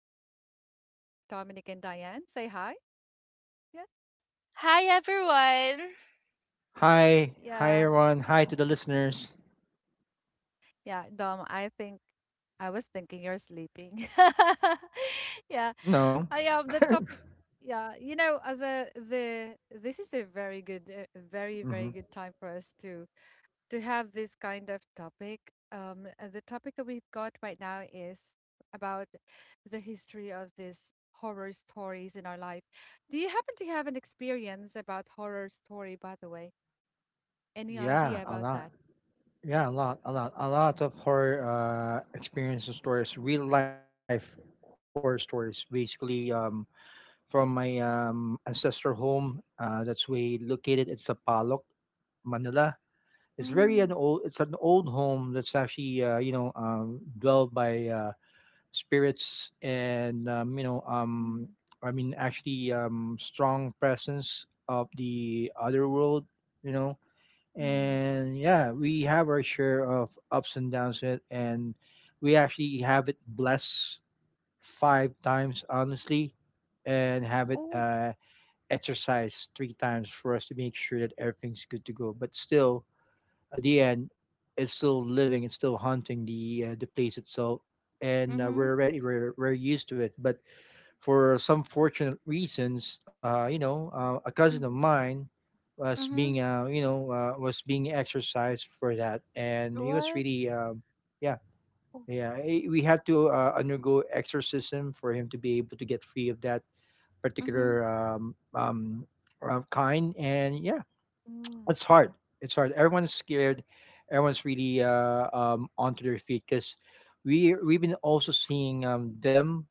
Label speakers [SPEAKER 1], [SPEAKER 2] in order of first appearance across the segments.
[SPEAKER 1] again, and I have here Dominic and Diane. Say hi. Yeah,
[SPEAKER 2] Hi,
[SPEAKER 1] yeah,
[SPEAKER 2] everyone. Hi to the listeners.
[SPEAKER 1] yeah. Dom, I think I was thinking you're sleeping. Yeah,
[SPEAKER 2] No,
[SPEAKER 1] I am the topic. Yeah, the this is a very good, very
[SPEAKER 2] hmm
[SPEAKER 1] very good time for us to have this kind of topic. The topic that we've got right now is about the history of these horror stories in our life. Do you happen to have an experience about horror story, by the way? Any
[SPEAKER 2] yeah,
[SPEAKER 1] idea
[SPEAKER 2] a
[SPEAKER 1] about
[SPEAKER 2] lot.
[SPEAKER 1] that?
[SPEAKER 2] Yeah, a lot, a lot A lot of horror experiences and stories, real life horror stories, basically from my ancestral home. That's way located. It's Manila. It's very an
[SPEAKER 1] Mm,
[SPEAKER 2] old. It's an old home that's actually dwelled by spirits and
[SPEAKER 1] mm,
[SPEAKER 2] I mean actually strong presence of the other world you know
[SPEAKER 1] mm.
[SPEAKER 2] and yeah, we have our share of ups and downs it and we actually have it blessed five times, honestly, and have it
[SPEAKER 1] Oh,
[SPEAKER 2] exercised three times for us to make sure that everything's good to go. But still, at the end, it's still living, it's still haunting the place itself, and we're used to it. But for some fortunate reasons, a cousin of
[SPEAKER 1] mm,
[SPEAKER 2] mine was being exercised for that, and he was really. Yeah,
[SPEAKER 1] oh,
[SPEAKER 2] yeah, we had to undergo exorcism for him to be able to get free of that particular kind, and yeah,
[SPEAKER 1] mm,
[SPEAKER 2] it's hard. It's hard. Everyone's scared. Everyone's really onto their feet because we've been also seeing them,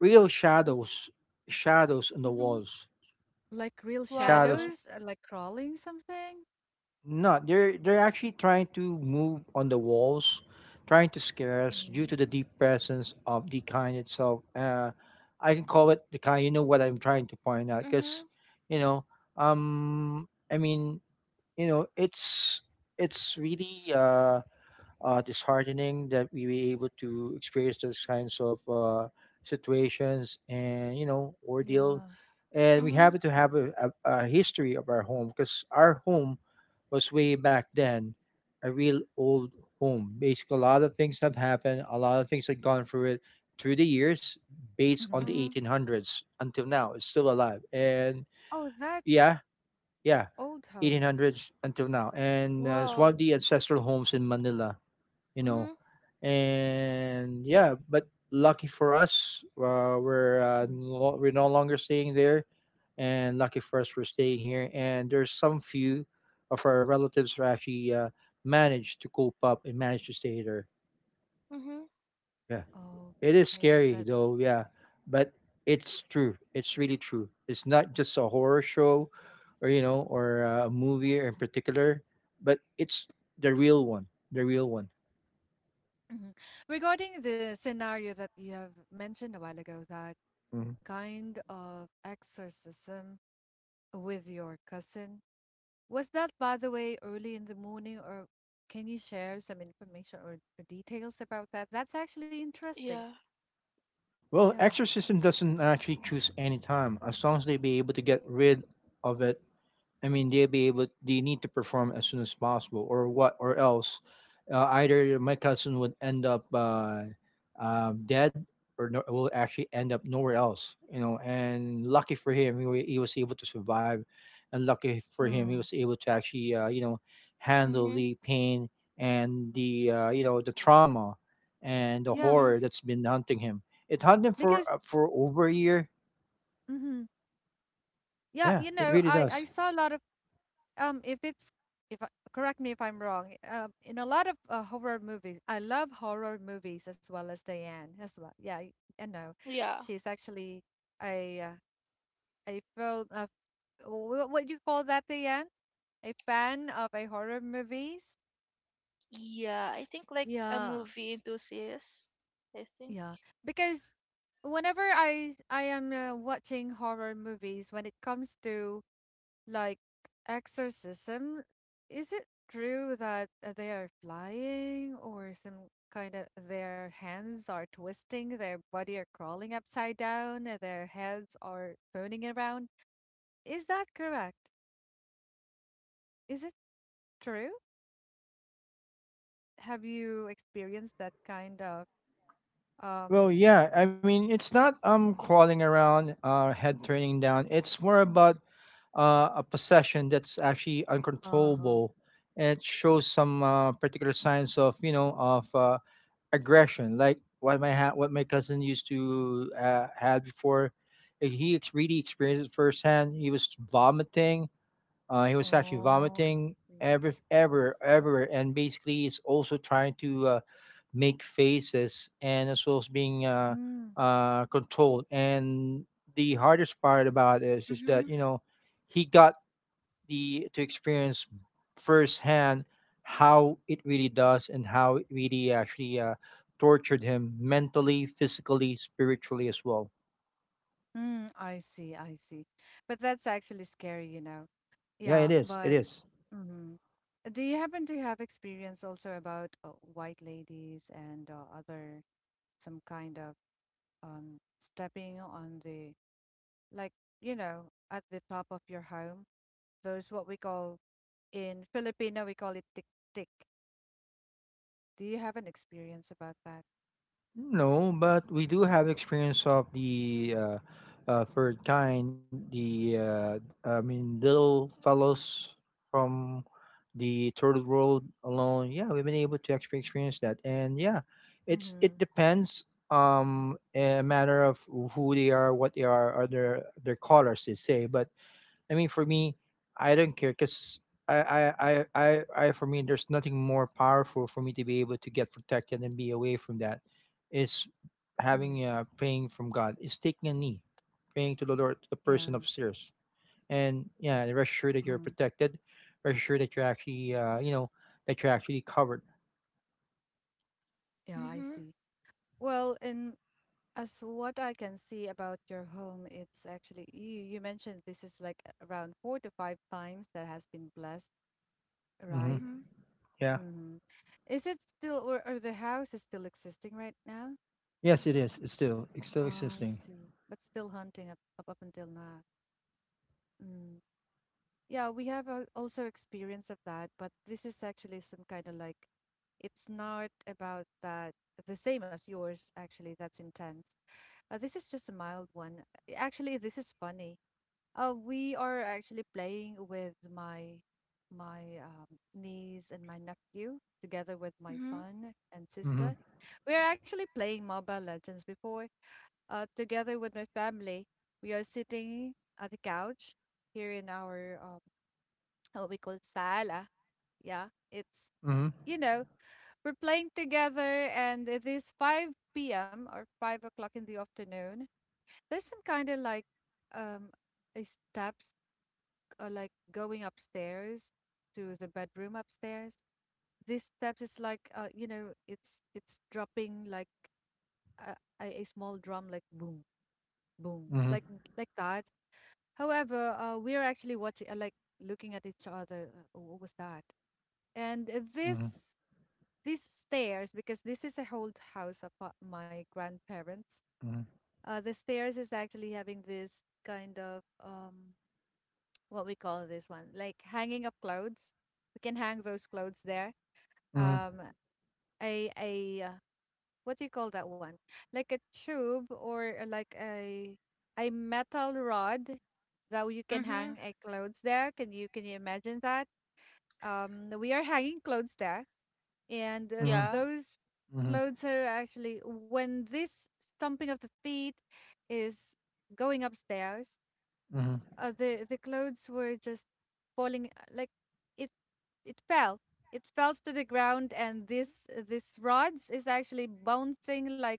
[SPEAKER 2] real
[SPEAKER 1] oh,
[SPEAKER 2] shadows, shadows on the walls.
[SPEAKER 1] like real
[SPEAKER 2] Shadows.
[SPEAKER 1] shadows, like crawling something?
[SPEAKER 2] No, they're actually trying to move on the walls, trying to scare us due
[SPEAKER 1] Hmm.
[SPEAKER 2] to the deep presence of the kind itself. I can call it the kind. You know what I'm trying to point out because, you know, I mean, you know, it's it's really disheartening that we were able to experience those kinds of situations and, ordeal,
[SPEAKER 1] Yeah.
[SPEAKER 2] and we have to have a history of our home, because our home was way back then a real old home. Basically, a lot of things have happened, a lot of things have gone through it through the years, based on the
[SPEAKER 1] Hmm.
[SPEAKER 2] 1800s until now. It's still alive, and
[SPEAKER 1] Oh, that's
[SPEAKER 2] yeah. Yeah,
[SPEAKER 1] old how.
[SPEAKER 2] 1800s until now, and it's one of the ancestral homes in Manila. you know and yeah, but lucky for us, we're
[SPEAKER 1] Mhm.
[SPEAKER 2] no, we're no longer staying there, and lucky for us, we're staying here, and there's some few of our relatives who actually managed to cope up and managed to stay there, yeah. It is
[SPEAKER 1] Okay, that.
[SPEAKER 2] scary though, yeah, but it's true, it's really true. It's not just a horror show or you know or a movie in particular, but it's the real one, the real one.
[SPEAKER 1] Mhm. Regarding the scenario that you have mentioned a while ago, that kind of exorcism with your cousin, was that, by the way, early in the morning, or can you share some information or details about that? That's actually interesting.
[SPEAKER 2] Well,
[SPEAKER 1] Yeah.
[SPEAKER 2] exorcism doesn't actually choose any time, as long as they be able to get rid of it. I mean, they'll be able. They need to perform as soon as possible, or what, or else, either my cousin would end up dead, or no, will actually end up nowhere else. You know, and lucky for him, he was able to survive, and lucky for him, he
[SPEAKER 1] Oh,
[SPEAKER 2] was able to actually, handle the pain and the trauma and the
[SPEAKER 1] yeah.
[SPEAKER 2] horror that's been hunting him. It hunted him for
[SPEAKER 1] Because,
[SPEAKER 2] over a year.
[SPEAKER 1] hmm yeah,
[SPEAKER 2] Yeah, it really
[SPEAKER 1] I
[SPEAKER 2] does.
[SPEAKER 1] saw a lot of um if it's if I, correct me if I'm wrong, in a lot of horror movies, I love horror movies as well as Diane as well. Yeah, I know. She's actually a film of what you call that, Diane? A fan of a horror movies? Yeah, yeah. Because whenever I am watching horror movies, when it comes to, like, exorcism, is it true that they are flying or some kind of their hands are twisting, their body are crawling upside down, their heads are turning around? Is that correct? Is it true? Have you experienced that kind of um
[SPEAKER 2] Well, yeah. I mean, it's not crawling around, head turning down. It's more about a possession that's actually
[SPEAKER 1] uh-huh.
[SPEAKER 2] uncontrollable, and it shows some particular signs of, of aggression, like what my cousin used to had before. He really experienced it firsthand. He was vomiting. He was actually
[SPEAKER 1] Oh, I
[SPEAKER 2] vomiting
[SPEAKER 1] see.
[SPEAKER 2] everywhere, and basically is also trying to make faces, and as well as being
[SPEAKER 1] Hmm.
[SPEAKER 2] controlled. And the hardest part about this is that, he got the to experience firsthand how it really does and how it really actually tortured him mentally, physically, spiritually as well.
[SPEAKER 1] Mm, I see, I see. But that's actually scary.
[SPEAKER 2] Yeah, it
[SPEAKER 1] Yeah,
[SPEAKER 2] is. It
[SPEAKER 1] but
[SPEAKER 2] is.
[SPEAKER 1] hmm do you happen to have experience also about white ladies and other some kind of stepping on the, like, you know, at the top of your home? Those what we call in Filipino we call it tik tik. Do you have an experience about that?
[SPEAKER 2] No, but we do have experience of the third kind, the I mean little fellows from the third world alone. Yeah, we've been able to actually experience that, and yeah, it's
[SPEAKER 1] Mm-hmm.
[SPEAKER 2] it depends, a matter of who they are, what they are, or their colors, they say. But I mean, for me, I don't care, because I, for me, there's nothing more powerful for me to be able to get protected and be away from that. Is
[SPEAKER 1] Mm-hmm.
[SPEAKER 2] having a praying from God. Is taking a knee, praying to the Lord, to the person
[SPEAKER 1] Yeah.
[SPEAKER 2] upstairs, and yeah, rest assured that you're
[SPEAKER 1] Hmm.
[SPEAKER 2] protected. Rest assured that you're actually, that you're actually covered.
[SPEAKER 1] Yeah, I see. Well, in as what I can see about your home, it's actually you mentioned this is like around four to five times that has been blessed,
[SPEAKER 2] Mm-hmm.
[SPEAKER 1] right?
[SPEAKER 2] Yeah.
[SPEAKER 1] Mm-hmm. Is it still, or the house is still existing right now?
[SPEAKER 2] Yes, it is. It's still
[SPEAKER 1] Ah, I
[SPEAKER 2] existing.
[SPEAKER 1] see. But still hunting up until now. Mm. Yeah, we have also experience of that, but this is actually some kind of like, it's not about that the same as yours, actually that's intense. This is just a mild one. Actually this is funny. We are actually playing with my niece and my nephew together with my son and
[SPEAKER 2] Mm-hmm.
[SPEAKER 1] sister. We are actually playing Mobile Legends before. Together with my family, we are sitting at the couch here in our what we call sala. Yeah, it's
[SPEAKER 2] Mm-hmm.
[SPEAKER 1] you know we're playing together, and it is 5 p.m. or 5 o'clock in the afternoon. There's some kind of like um a steps like going upstairs to the bedroom upstairs. These steps is like, it's dropping like a, a small drum, like boom, boom,
[SPEAKER 2] Mm-hmm.
[SPEAKER 1] like that. However, we're actually watching, like, looking at each other. What was that? And
[SPEAKER 2] Mm-hmm.
[SPEAKER 1] this these stairs, because this is a old house of my grandparents. The stairs is actually having this kind of what we call this one, like hanging up clothes. We can hang those clothes there.
[SPEAKER 2] Mm-hmm. Mm-hmm.
[SPEAKER 1] Um, a what do you call that one? Like a tube or like a metal rod that you can hang a clothes there. Can you imagine that? We are hanging clothes there, and
[SPEAKER 2] Mm-hmm.
[SPEAKER 1] those
[SPEAKER 2] Mm-hmm.
[SPEAKER 1] clothes are actually when this stomping of the feet is going upstairs.
[SPEAKER 2] Mm-hmm.
[SPEAKER 1] The clothes were just falling, like it fell. It fell to the ground, and this rods is actually bouncing like,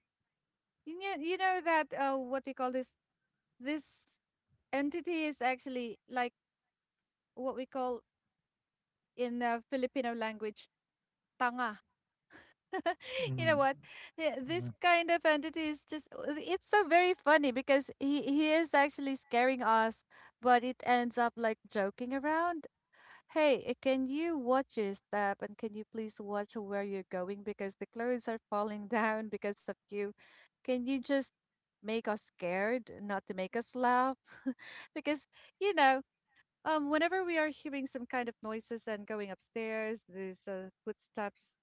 [SPEAKER 1] you know that what do you call this? This entity is actually like what we call in Filipino language tanga. You know
[SPEAKER 2] Mhm,
[SPEAKER 1] what? Yeah, this
[SPEAKER 2] mhm,
[SPEAKER 1] kind of entity is just, it's so very funny because he is actually scaring us, but it ends up like joking around. Hey, can you watch your step and can you please watch where you're going because the clothes are falling down because of you? Can you just make us scared, not to make us laugh? Because, you know, whenever we are hearing some kind of noises and going upstairs, these footsteps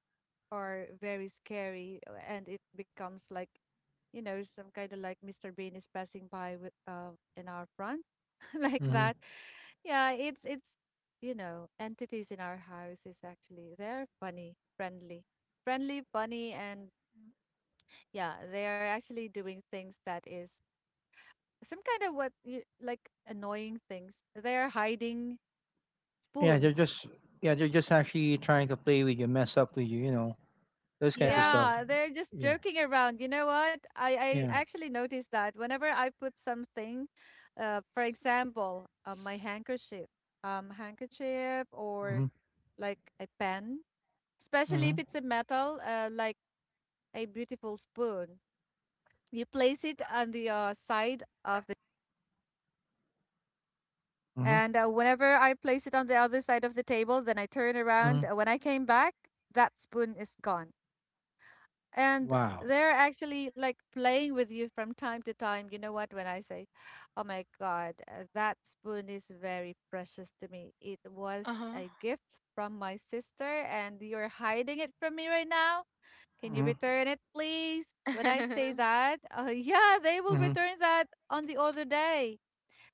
[SPEAKER 1] are very scary, and it becomes like, some kind of like Mr. Bean is passing by with, in our front, like
[SPEAKER 2] mhm.
[SPEAKER 1] that. Yeah, entities in our house is actually they're funny, friendly. Friendly, funny, and yeah, they are actually doing things that is some kind of what you like, annoying things. They are hiding
[SPEAKER 2] Yeah, they're
[SPEAKER 1] spoons.
[SPEAKER 2] just, yeah, they're just actually trying to play with you, mess up with you, you know, those kinds of stuff.
[SPEAKER 1] Yeah, they're just
[SPEAKER 2] Yeah,
[SPEAKER 1] joking around. You know what? I
[SPEAKER 2] yeah.
[SPEAKER 1] actually noticed that whenever I put something, for example, my handkerchief, handkerchief or
[SPEAKER 2] Mm-hmm,
[SPEAKER 1] like a pen, especially
[SPEAKER 2] mm-hmm,
[SPEAKER 1] if it's a metal, like a beautiful spoon. You place it on the, side of,
[SPEAKER 2] mm-hmm,
[SPEAKER 1] and whenever I place it on the other side of the table, then I turn
[SPEAKER 2] mm-hmm.
[SPEAKER 1] around. When I came back, that spoon is gone. And
[SPEAKER 2] Wow.
[SPEAKER 1] they're actually like playing with you from time to time. You know what? When I say, oh my God, that spoon is very precious to me. It was a gift from my sister, and you're hiding it from me right now. Can you
[SPEAKER 2] Mm-hmm,
[SPEAKER 1] return it, please? When I say that, yeah, they
[SPEAKER 2] mm-hmm,
[SPEAKER 1] will return that on the other day.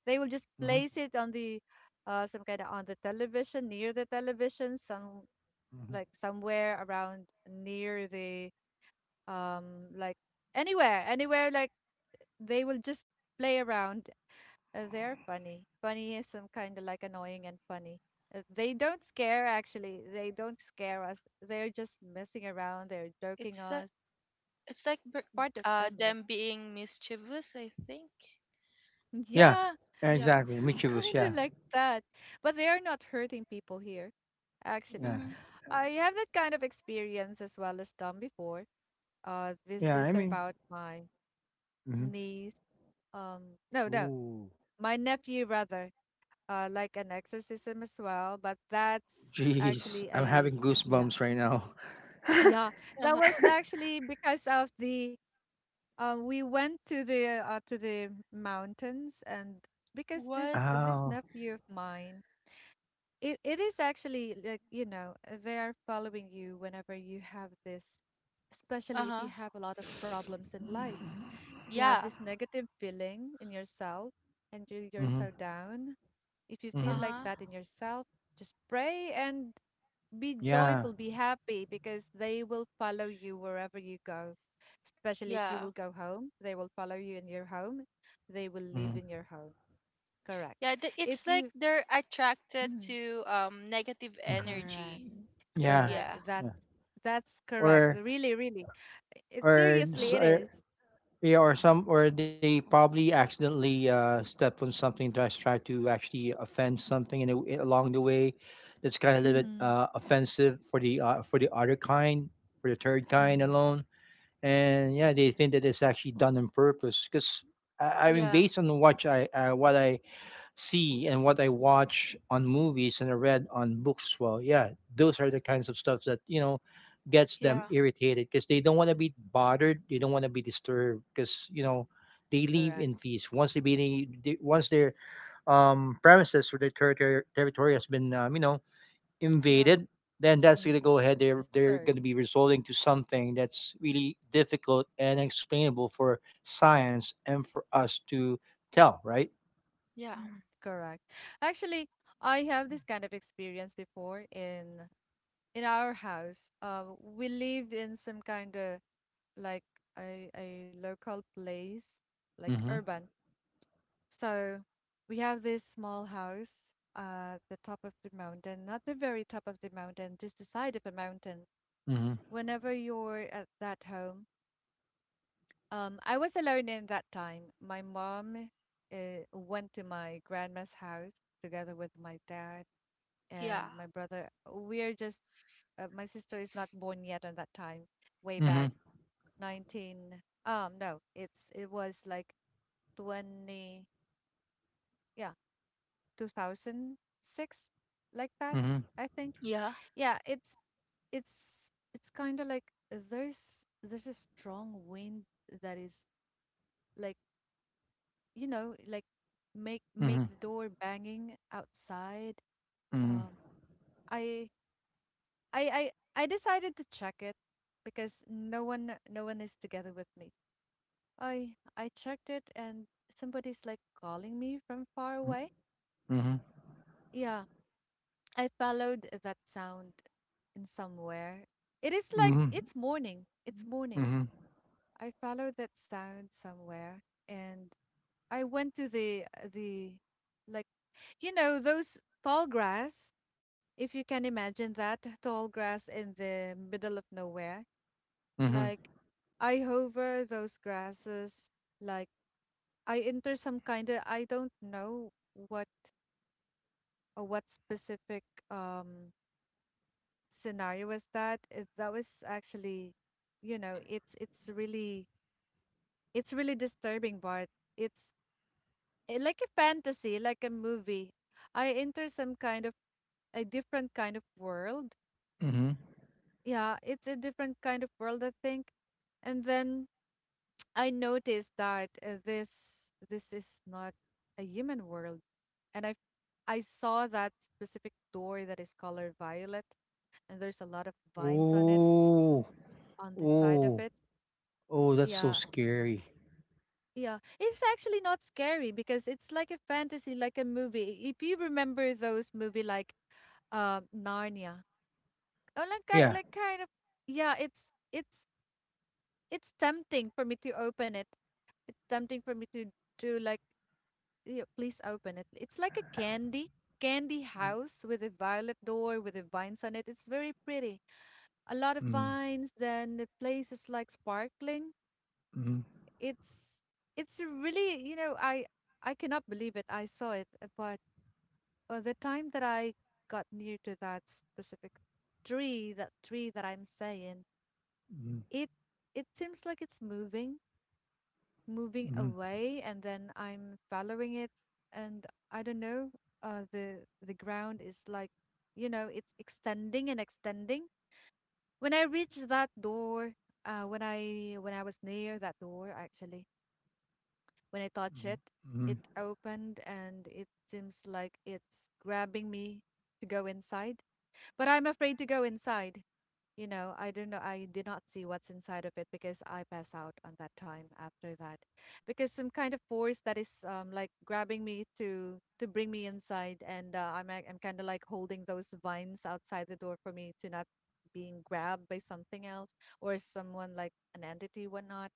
[SPEAKER 1] They will just
[SPEAKER 2] mm-hmm,
[SPEAKER 1] place it on the, some kind of on the television, near the television, some
[SPEAKER 2] mm-hmm.
[SPEAKER 1] like somewhere around near the, like, anywhere, anywhere, like they will just play around. They're funny. Funny is some kind of like annoying and funny. They don't scare actually. They don't scare us. They're just messing around. They're joking us. Part of family.
[SPEAKER 2] Yeah,
[SPEAKER 1] Yeah,
[SPEAKER 2] exactly.
[SPEAKER 1] some
[SPEAKER 2] Michibus,
[SPEAKER 1] kind of
[SPEAKER 2] yeah,
[SPEAKER 1] like that. But they are not hurting people here, actually.
[SPEAKER 2] yeah,
[SPEAKER 1] I have that kind of experience as well as done before.
[SPEAKER 2] yeah.
[SPEAKER 1] This
[SPEAKER 2] I
[SPEAKER 1] is
[SPEAKER 2] mean,
[SPEAKER 1] about my
[SPEAKER 2] mm-hmm.
[SPEAKER 1] niece. Um, no, no,
[SPEAKER 2] Ooh,
[SPEAKER 1] my nephew rather. Like an exorcism as well. But that's
[SPEAKER 2] jeez,
[SPEAKER 1] actually
[SPEAKER 2] I'm
[SPEAKER 1] a,
[SPEAKER 2] having
[SPEAKER 1] yeah,
[SPEAKER 2] goosebumps right now.
[SPEAKER 1] yeah. That was actually because of the. We went to the mountains, and because this
[SPEAKER 2] Ow.
[SPEAKER 1] nephew of mine, it is actually like, you know, they are following you whenever you have this, especially if you have a lot of problems in life. You have this negative feeling in yourself and you're
[SPEAKER 2] Mm-hmm,
[SPEAKER 1] so down. If you feel
[SPEAKER 2] mm-hmm.
[SPEAKER 1] like that in yourself, just pray and be
[SPEAKER 2] Yeah.
[SPEAKER 1] joyful, be happy because they will follow you wherever you go. Especially if you will go home, they will follow you in your home. They will live
[SPEAKER 2] Mm-hmm,
[SPEAKER 1] in your home. Correct. If you. Mhm. Correct.
[SPEAKER 2] mm-hmm. Yeah.
[SPEAKER 1] Correct.
[SPEAKER 2] Yeah.
[SPEAKER 1] That's correct.
[SPEAKER 2] or
[SPEAKER 1] Really, really. It
[SPEAKER 2] or s-
[SPEAKER 1] seriously it
[SPEAKER 2] or-
[SPEAKER 1] is.
[SPEAKER 2] yeah, or they probably accidentally step on something, try to actually offend something along the way, that's kind of a little bit
[SPEAKER 1] Mm-hmm.
[SPEAKER 2] offensive for the other kind, for the third kind
[SPEAKER 1] Mm-hmm.
[SPEAKER 2] alone, and yeah, they think that it's actually done on purpose because I mean, based on what I see and what I watch on movies, and I read on books as well. Yeah, those are the kinds of stuff that, gets them
[SPEAKER 1] Mm-hmm.
[SPEAKER 2] irritated because they don't want to be bothered. They don't want to be disturbed because, you know, they live
[SPEAKER 1] Correct.
[SPEAKER 2] in peace. Once they be they, once their premises or their territory has been invaded, then that's
[SPEAKER 1] Mm,
[SPEAKER 2] gonna go ahead. They're
[SPEAKER 1] disturbed.
[SPEAKER 2] gonna be resorting to something that's really difficult and explainable for science and for us to tell. Right.
[SPEAKER 1] Mm-hmm. Correct. Actually, I have this kind of experience before in our house. We lived in some kind of like a local place, like
[SPEAKER 2] Mm-hmm.
[SPEAKER 1] urban. So we have this small house at the top of the mountain, not the very top of the mountain, just the side of a mountain. Whenever you're at that home, I was alone in that time. My mom uh, went to my grandma's house together with my dad and my brother. We are just, my sister is not born yet on that time, way back
[SPEAKER 2] Mhm,
[SPEAKER 1] 19. No, it was like 20. Yeah, 2006, like that.
[SPEAKER 2] mhm,
[SPEAKER 1] I think. Yeah, it's kind of like there's a strong wind that is like, like, make
[SPEAKER 2] mhm,
[SPEAKER 1] the door banging outside.
[SPEAKER 2] mhm,
[SPEAKER 1] Um, I I I decided to check it because no one is together with me. I I checked it and somebody's like calling me from far
[SPEAKER 2] m
[SPEAKER 1] away.
[SPEAKER 2] mhm,
[SPEAKER 1] Yeah, I followed that sound in somewhere. It is like,
[SPEAKER 2] mhm,
[SPEAKER 1] it's morning. It's morning.
[SPEAKER 2] mhm,
[SPEAKER 1] I followed that sound somewhere and I went to the like, those tall grass. If you can imagine that tall grass in the middle of nowhere,
[SPEAKER 2] mhm,
[SPEAKER 1] like I hover those grasses, like I enter some kind of, I don't know what, what specific, um scenario was that. It, that was actually, you know, it's it's really it's really disturbing, Bart. It's like a fantasy, like a movie. I enter some kind of a different kind of world.
[SPEAKER 2] mhm.
[SPEAKER 1] Yeah, it's a different kind of world, I think. And then I noticed that this is not a human world. And I saw that specific door that is color violet, and there's a lot of vines on it,
[SPEAKER 2] Ooh,
[SPEAKER 1] on the side of
[SPEAKER 2] ooh,
[SPEAKER 1] it.
[SPEAKER 2] oh, that's so
[SPEAKER 1] Yeah,
[SPEAKER 2] scary.
[SPEAKER 1] yeah. It's actually not scary because it's like a fantasy, like a movie. If you remember those movie like Narnia, oh, like
[SPEAKER 2] Yeah.
[SPEAKER 1] like kind of yeah, it's it's tempting for me to open it, it's tempting for me to like yeah, please open it. It's like a candy
[SPEAKER 2] Mm,
[SPEAKER 1] house with a violet door with the vines on it. It's very pretty. A lot of
[SPEAKER 2] mm,
[SPEAKER 1] vines. Then the place is like sparkling.
[SPEAKER 2] mhm,
[SPEAKER 1] It's it's a really I cannot believe it. I saw it, but the time that I got near to that specific tree that I'm saying, it it seems like it's moving. Moving
[SPEAKER 2] mhm,
[SPEAKER 1] away and then I'm following it, and I don't know uh the the ground is like you know it's extending and extending. When I reached that door, when I was near that door actually, when I touch it,
[SPEAKER 2] mhm,
[SPEAKER 1] it
[SPEAKER 2] mhm,
[SPEAKER 1] opened and it seems like it's grabbing me to go inside, but I'm afraid to go inside. You know, I don't know. I did not see what's inside of it because I pass out on that time after that. Because some kind of force that is like grabbing me to bring me inside and I'm kind of like holding those vines outside the door for me to not being grabbed by something else, or someone like an entity whatnot.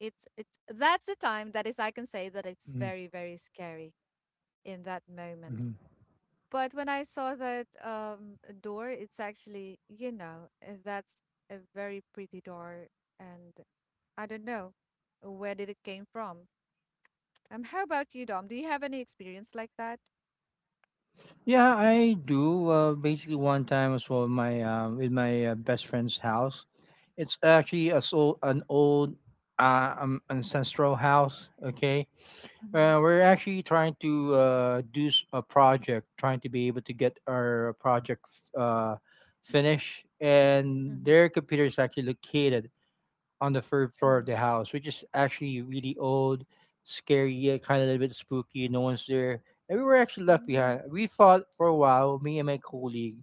[SPEAKER 1] It's that's the time that is I can say that
[SPEAKER 2] mhm,
[SPEAKER 1] it's
[SPEAKER 2] mhm,
[SPEAKER 1] very very scary in that
[SPEAKER 2] mhm.
[SPEAKER 1] moment. But when I saw that door, it's actually, you know, that's a very pretty door, and I don't know where did it came from. How about you, Dom? Do you have any experience like that?
[SPEAKER 2] Yeah, I do. Basically, one time as well, my with my best friend's house. It's actually a so an old, ancestral house. Okay.
[SPEAKER 1] Mm-hmm.
[SPEAKER 2] We're actually trying to do a project, trying to be able to get our project finished. And
[SPEAKER 1] Mm-hmm.
[SPEAKER 2] their computer is actually located on the third floor of
[SPEAKER 1] Mm-hmm.
[SPEAKER 2] the house, which is actually really old, scary, kind of a little bit spooky. No one's there, and we were actually left
[SPEAKER 1] Mm.
[SPEAKER 2] behind. We thought for a while, me and my colleague,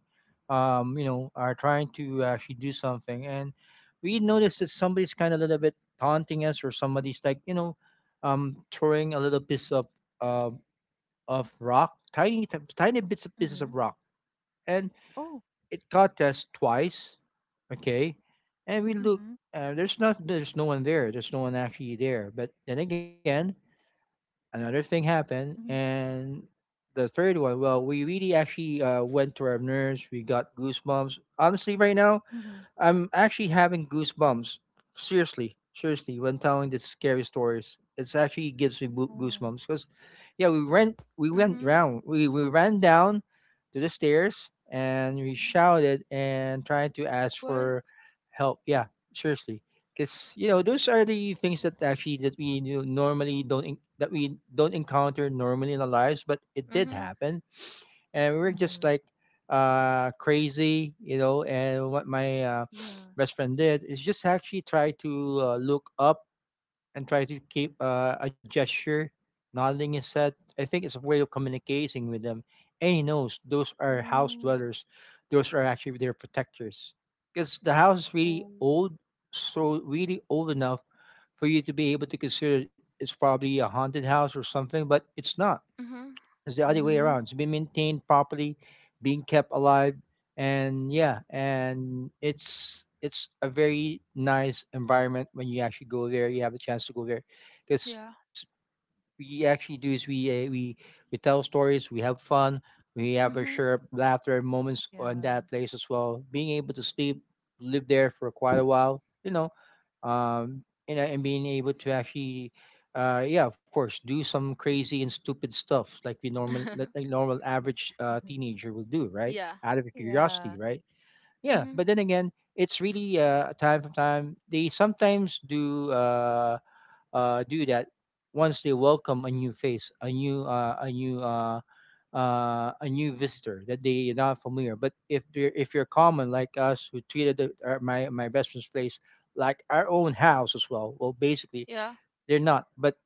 [SPEAKER 2] you know, are trying to actually do something, and we noticed that somebody's kind of a little bit taunting us, or somebody's like, throwing a little piece um of rock, tiny, tiny bits of pieces
[SPEAKER 1] Mm-hmm.
[SPEAKER 2] of rock, and
[SPEAKER 1] Oh.
[SPEAKER 2] it caught us twice. Okay, and we look.
[SPEAKER 1] Mm-hmm.
[SPEAKER 2] There's not. There's no one there. There's no one actually there. But then again, another thing happened,
[SPEAKER 1] Mm-hmm.
[SPEAKER 2] and the third one. Well, we really actually went to our nurse. We got goosebumps. Honestly, right now,
[SPEAKER 1] Mm-hmm.
[SPEAKER 2] I'm actually having goosebumps. Seriously, seriously, when telling these scary stories, it's actually gives me
[SPEAKER 1] Oh.
[SPEAKER 2] goosebumps. Cause yeah, we ran, we went
[SPEAKER 3] Mhm.
[SPEAKER 2] round, we ran down to the stairs, and we shouted and tried to ask
[SPEAKER 3] What?
[SPEAKER 2] for help. Yeah, seriously, because you know those are the things that actually that we, normally don't that we don't encounter normally in our lives, but it did
[SPEAKER 3] Mhm.
[SPEAKER 2] happen, and we were just
[SPEAKER 1] Mm-hmm.
[SPEAKER 2] like crazy, you know. And what my
[SPEAKER 1] Yeah.
[SPEAKER 2] best friend did is just actually try to look up and try to keep a gesture, nodding his head. I think it's a way of communicating with them, and he knows those are house
[SPEAKER 1] Oh.
[SPEAKER 2] dwellers, those are actually their protectors, because the house is really
[SPEAKER 1] Oh.
[SPEAKER 2] old, so really old enough for you to be able to consider it's probably a haunted house or something, but it's not.
[SPEAKER 3] Mhm.
[SPEAKER 2] It's the other way
[SPEAKER 1] Mm-hmm.
[SPEAKER 2] around. It's been maintained properly, being kept alive, and yeah, and it's a very nice environment when you actually go there. You have the chance to go there because
[SPEAKER 3] Yeah.
[SPEAKER 2] we actually do is we uh, we we tell stories, we have fun, we have a sure
[SPEAKER 3] Mhm.
[SPEAKER 2] laughter moments on
[SPEAKER 1] Yeah.
[SPEAKER 2] that place as well. Being able to sleep, live there for quite a while, you know, um, and being able to actually, yeah, of course, do some crazy and stupid stuff like we normal like a normal average teenager will do, right?
[SPEAKER 3] Yeah.
[SPEAKER 2] Out of curiosity,
[SPEAKER 1] yeah.
[SPEAKER 2] right? Yeah, but
[SPEAKER 3] Mhm.
[SPEAKER 2] then again, it's really time from time. They sometimes do. Do that once they welcome a new face, a new visitor that they are not familiar. But if you're common like us who treated the, our, my best friend's place like our own house as well, well basically
[SPEAKER 3] Yeah.
[SPEAKER 2] they're not. But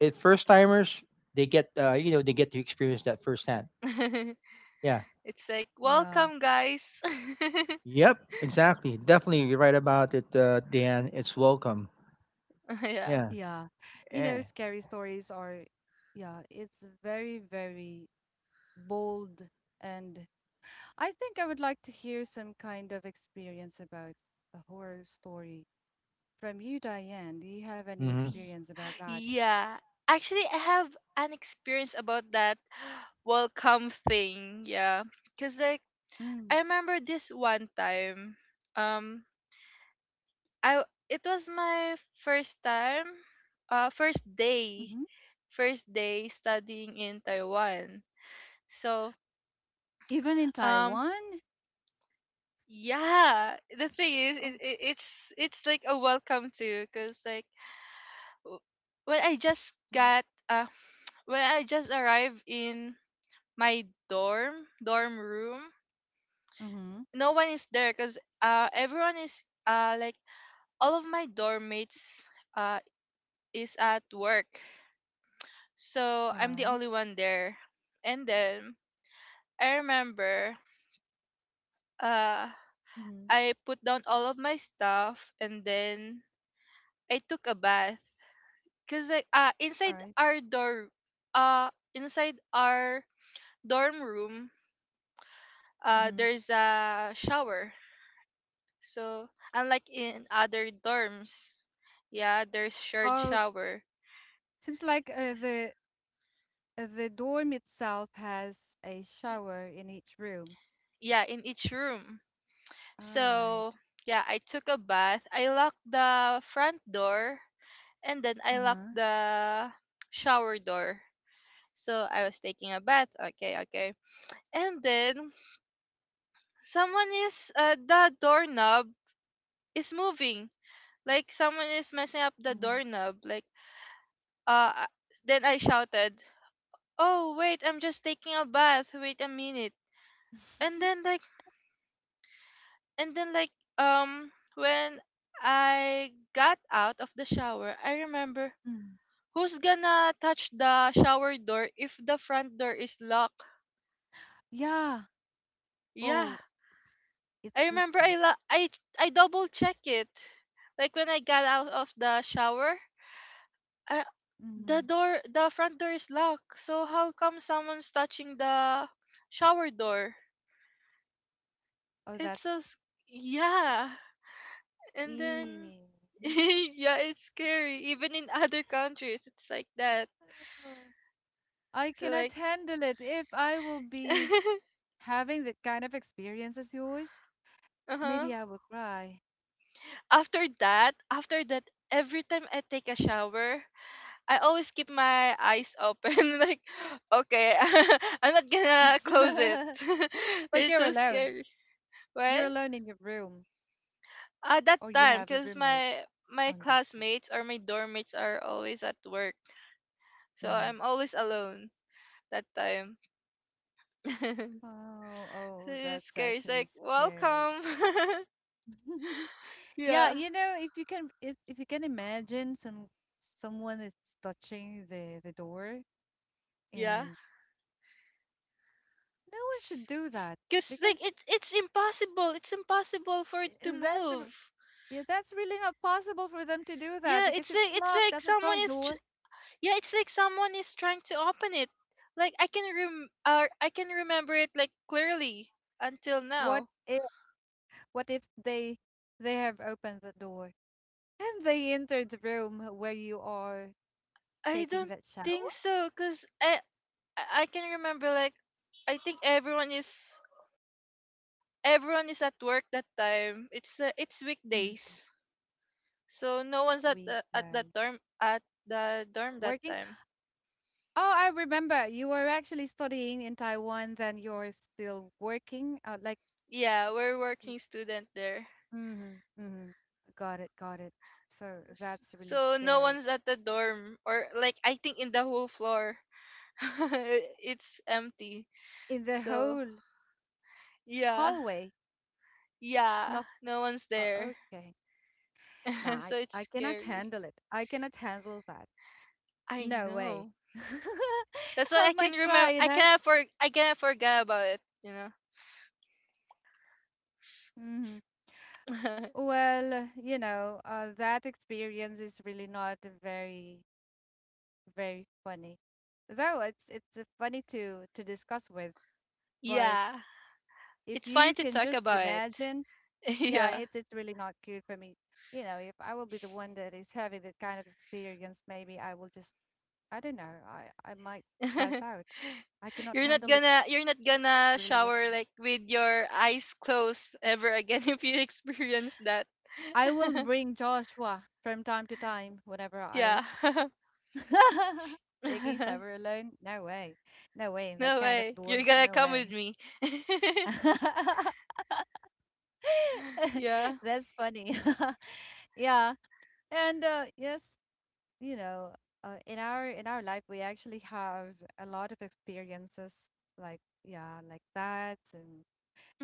[SPEAKER 2] at first timers they get to experience that firsthand. Yeah.
[SPEAKER 3] It's like
[SPEAKER 1] Yeah.
[SPEAKER 3] welcome, guys.
[SPEAKER 2] Yep. Exactly. Definitely, you're right about it, Dan. It's welcome.
[SPEAKER 3] Yeah.
[SPEAKER 2] Yeah.
[SPEAKER 1] Yeah. You know,
[SPEAKER 2] Yeah.
[SPEAKER 1] scary stories are, yeah, it's very, very bold. And I think I would like to hear some kind of experience about a horror story from you, Diane. Do you have any
[SPEAKER 3] Y-
[SPEAKER 1] experience about that?
[SPEAKER 3] Yeah. Actually, I have an experience about that welcome thing. Yeah. Cause like
[SPEAKER 1] Mm.
[SPEAKER 3] I remember this one time. Um, I It was my first time. First day.
[SPEAKER 1] Mm-hmm.
[SPEAKER 3] First day studying in Taiwan. So
[SPEAKER 1] Even in
[SPEAKER 3] um
[SPEAKER 1] Taiwan?
[SPEAKER 3] yeah, the thing is,
[SPEAKER 1] Oh.
[SPEAKER 3] it's like a welcome to, because like w- when i just got uh when I just arrived in my dorm room.
[SPEAKER 1] Mm-hmm.
[SPEAKER 3] No one is there because everyone is like, all of my dorm mates uh is at work, so
[SPEAKER 1] All
[SPEAKER 3] I'm the
[SPEAKER 1] right.
[SPEAKER 3] only one there. And then I remember, uh
[SPEAKER 1] Mm-hmm.
[SPEAKER 3] I put down all of my stuff, and then I took a bath. Cause like,
[SPEAKER 1] All right.
[SPEAKER 3] uh inside our dorm room,
[SPEAKER 1] Mm-hmm.
[SPEAKER 3] there's a shower. So unlike in other dorms, yeah, there's shared
[SPEAKER 1] Oh,
[SPEAKER 3] shower.
[SPEAKER 1] seems like
[SPEAKER 3] S-
[SPEAKER 1] the dorm itself has a
[SPEAKER 3] y-
[SPEAKER 1] shower in each room.
[SPEAKER 3] Yeah, in each room.
[SPEAKER 1] All right.
[SPEAKER 3] So yeah, I took a bath. I locked the front door and then
[SPEAKER 1] Uh
[SPEAKER 3] I
[SPEAKER 1] huh.
[SPEAKER 3] locked the shower door. So I was taking a bath. Okay, okay. And then someone is the doorknob is moving. Like someone is messing up the
[SPEAKER 1] Mhm.
[SPEAKER 3] doorknob. Uh then I shouted, "Oh, wait, I'm just taking a bath. Wait a minute." And then like and then when I got out of the shower, I remember,
[SPEAKER 1] Mm.
[SPEAKER 3] who's gonna touch the shower door if the front door is locked?
[SPEAKER 1] Yeah.
[SPEAKER 3] Yeah.
[SPEAKER 1] Oh, it's, it's
[SPEAKER 3] I remember
[SPEAKER 1] goosebumps.
[SPEAKER 3] I double check it. Like when I got out of the shower, I the
[SPEAKER 1] Mhm.
[SPEAKER 3] door, the front door is locked. So how come someone's touching the shower door?
[SPEAKER 1] Oh,
[SPEAKER 3] It's so,
[SPEAKER 1] that's.
[SPEAKER 3] s- yeah. And then,
[SPEAKER 1] Eh.
[SPEAKER 3] yeah, it's scary. Even in other countries, it's like that.
[SPEAKER 1] I
[SPEAKER 3] So
[SPEAKER 1] cannot
[SPEAKER 3] like,
[SPEAKER 1] handle it. If I will be having the kind of experience as yours,
[SPEAKER 3] uh huh.
[SPEAKER 1] maybe I will cry.
[SPEAKER 3] After that, every time I take a shower, I always keep my eyes open. Like, okay, I'm not gonna close it.
[SPEAKER 1] But
[SPEAKER 3] It's
[SPEAKER 1] you're
[SPEAKER 3] so
[SPEAKER 1] alone.
[SPEAKER 3] scary.
[SPEAKER 1] You're
[SPEAKER 3] What?
[SPEAKER 1] alone in your room,
[SPEAKER 3] At that
[SPEAKER 1] or you
[SPEAKER 3] time,
[SPEAKER 1] have a
[SPEAKER 3] because
[SPEAKER 1] roommate
[SPEAKER 3] my
[SPEAKER 1] on that time.
[SPEAKER 3] classmates or my dorm mates are always at work, so
[SPEAKER 1] Mm.
[SPEAKER 3] I'm always alone that time.
[SPEAKER 1] Oh, oh,
[SPEAKER 3] It's
[SPEAKER 1] that's
[SPEAKER 3] scary. It's
[SPEAKER 1] actually
[SPEAKER 3] like
[SPEAKER 1] scary.
[SPEAKER 3] welcome.
[SPEAKER 1] Yeah,
[SPEAKER 3] Yeah,
[SPEAKER 1] you know, if you can imagine some someone is touching the door
[SPEAKER 3] yeah.
[SPEAKER 1] and no one should do that
[SPEAKER 3] Cause like
[SPEAKER 1] because
[SPEAKER 3] it's impossible. It's impossible for it to
[SPEAKER 1] i- that's r-
[SPEAKER 3] move.
[SPEAKER 1] yeah, that's really not possible for them to do that
[SPEAKER 3] Yeah,
[SPEAKER 1] because it's
[SPEAKER 3] it's
[SPEAKER 1] locked
[SPEAKER 3] like
[SPEAKER 1] at the
[SPEAKER 3] someone
[SPEAKER 1] front
[SPEAKER 3] is.
[SPEAKER 1] door.
[SPEAKER 3] Yeah, it's like someone is trying to open it. Like I can remember it like clearly until
[SPEAKER 1] What
[SPEAKER 3] now.
[SPEAKER 1] if what if they they have opened the door and they entered the room where you are
[SPEAKER 3] I
[SPEAKER 1] taking
[SPEAKER 3] don't
[SPEAKER 1] that shower?
[SPEAKER 3] think so, cause I can remember, like, I think everyone is at work that time. It's
[SPEAKER 1] Mhm.
[SPEAKER 3] weekdays, so no one's
[SPEAKER 1] We guys
[SPEAKER 3] at the dorm that
[SPEAKER 1] working.
[SPEAKER 3] time.
[SPEAKER 1] Oh, I remember you were actually studying in Taiwan, then you're still working. Like
[SPEAKER 3] Yeah, we're
[SPEAKER 1] mm,
[SPEAKER 3] working student there.
[SPEAKER 1] mm-hmm, mm-hmm. Got it, got it. So that's really
[SPEAKER 3] So no
[SPEAKER 1] scary.
[SPEAKER 3] one's at the dorm, or like I think in the whole floor, it's empty.
[SPEAKER 1] In the
[SPEAKER 3] So
[SPEAKER 1] whole
[SPEAKER 3] yeah,
[SPEAKER 1] hallway,
[SPEAKER 3] yeah,
[SPEAKER 1] not
[SPEAKER 3] no one's there.
[SPEAKER 1] okay. Nah,
[SPEAKER 3] So it's
[SPEAKER 1] I cannot
[SPEAKER 3] scary.
[SPEAKER 1] handle it. I cannot handle that.
[SPEAKER 3] I
[SPEAKER 1] No way.
[SPEAKER 3] know. That's why
[SPEAKER 1] I
[SPEAKER 3] I can
[SPEAKER 1] might cry,
[SPEAKER 3] remember.
[SPEAKER 1] you know.
[SPEAKER 3] I cannot forget about it. You know.
[SPEAKER 1] Mm-hmm. Well, you know, that experience is really not very, very funny. Though it's funny to discuss with, but
[SPEAKER 3] Yeah,
[SPEAKER 1] if
[SPEAKER 3] it's fine
[SPEAKER 1] you
[SPEAKER 3] to
[SPEAKER 1] can
[SPEAKER 3] talk
[SPEAKER 1] just
[SPEAKER 3] about it.
[SPEAKER 1] imagine. Yeah,
[SPEAKER 3] Yeah.
[SPEAKER 1] it's really not good for me. You know, if I will be the one that is having that kind of experience, maybe I will just I don't know. I might pass out. I cannot
[SPEAKER 3] you're not
[SPEAKER 1] handle it
[SPEAKER 3] gonna you're not gonna
[SPEAKER 1] really. I can.
[SPEAKER 3] shower, like, with your eyes closed ever again, if you experience that.
[SPEAKER 1] I will bring Joshua from time to time whenever I
[SPEAKER 3] Yeah.
[SPEAKER 1] taking shower alone. No way. No way in that
[SPEAKER 3] No
[SPEAKER 1] kind of
[SPEAKER 3] way. You're
[SPEAKER 1] dorm.
[SPEAKER 3] gonna
[SPEAKER 1] No
[SPEAKER 3] come with
[SPEAKER 1] way.
[SPEAKER 3] me. Yeah.
[SPEAKER 1] That's funny. Yeah. And yes, you know, in our life we actually have a lot of experiences like yeah, like that, and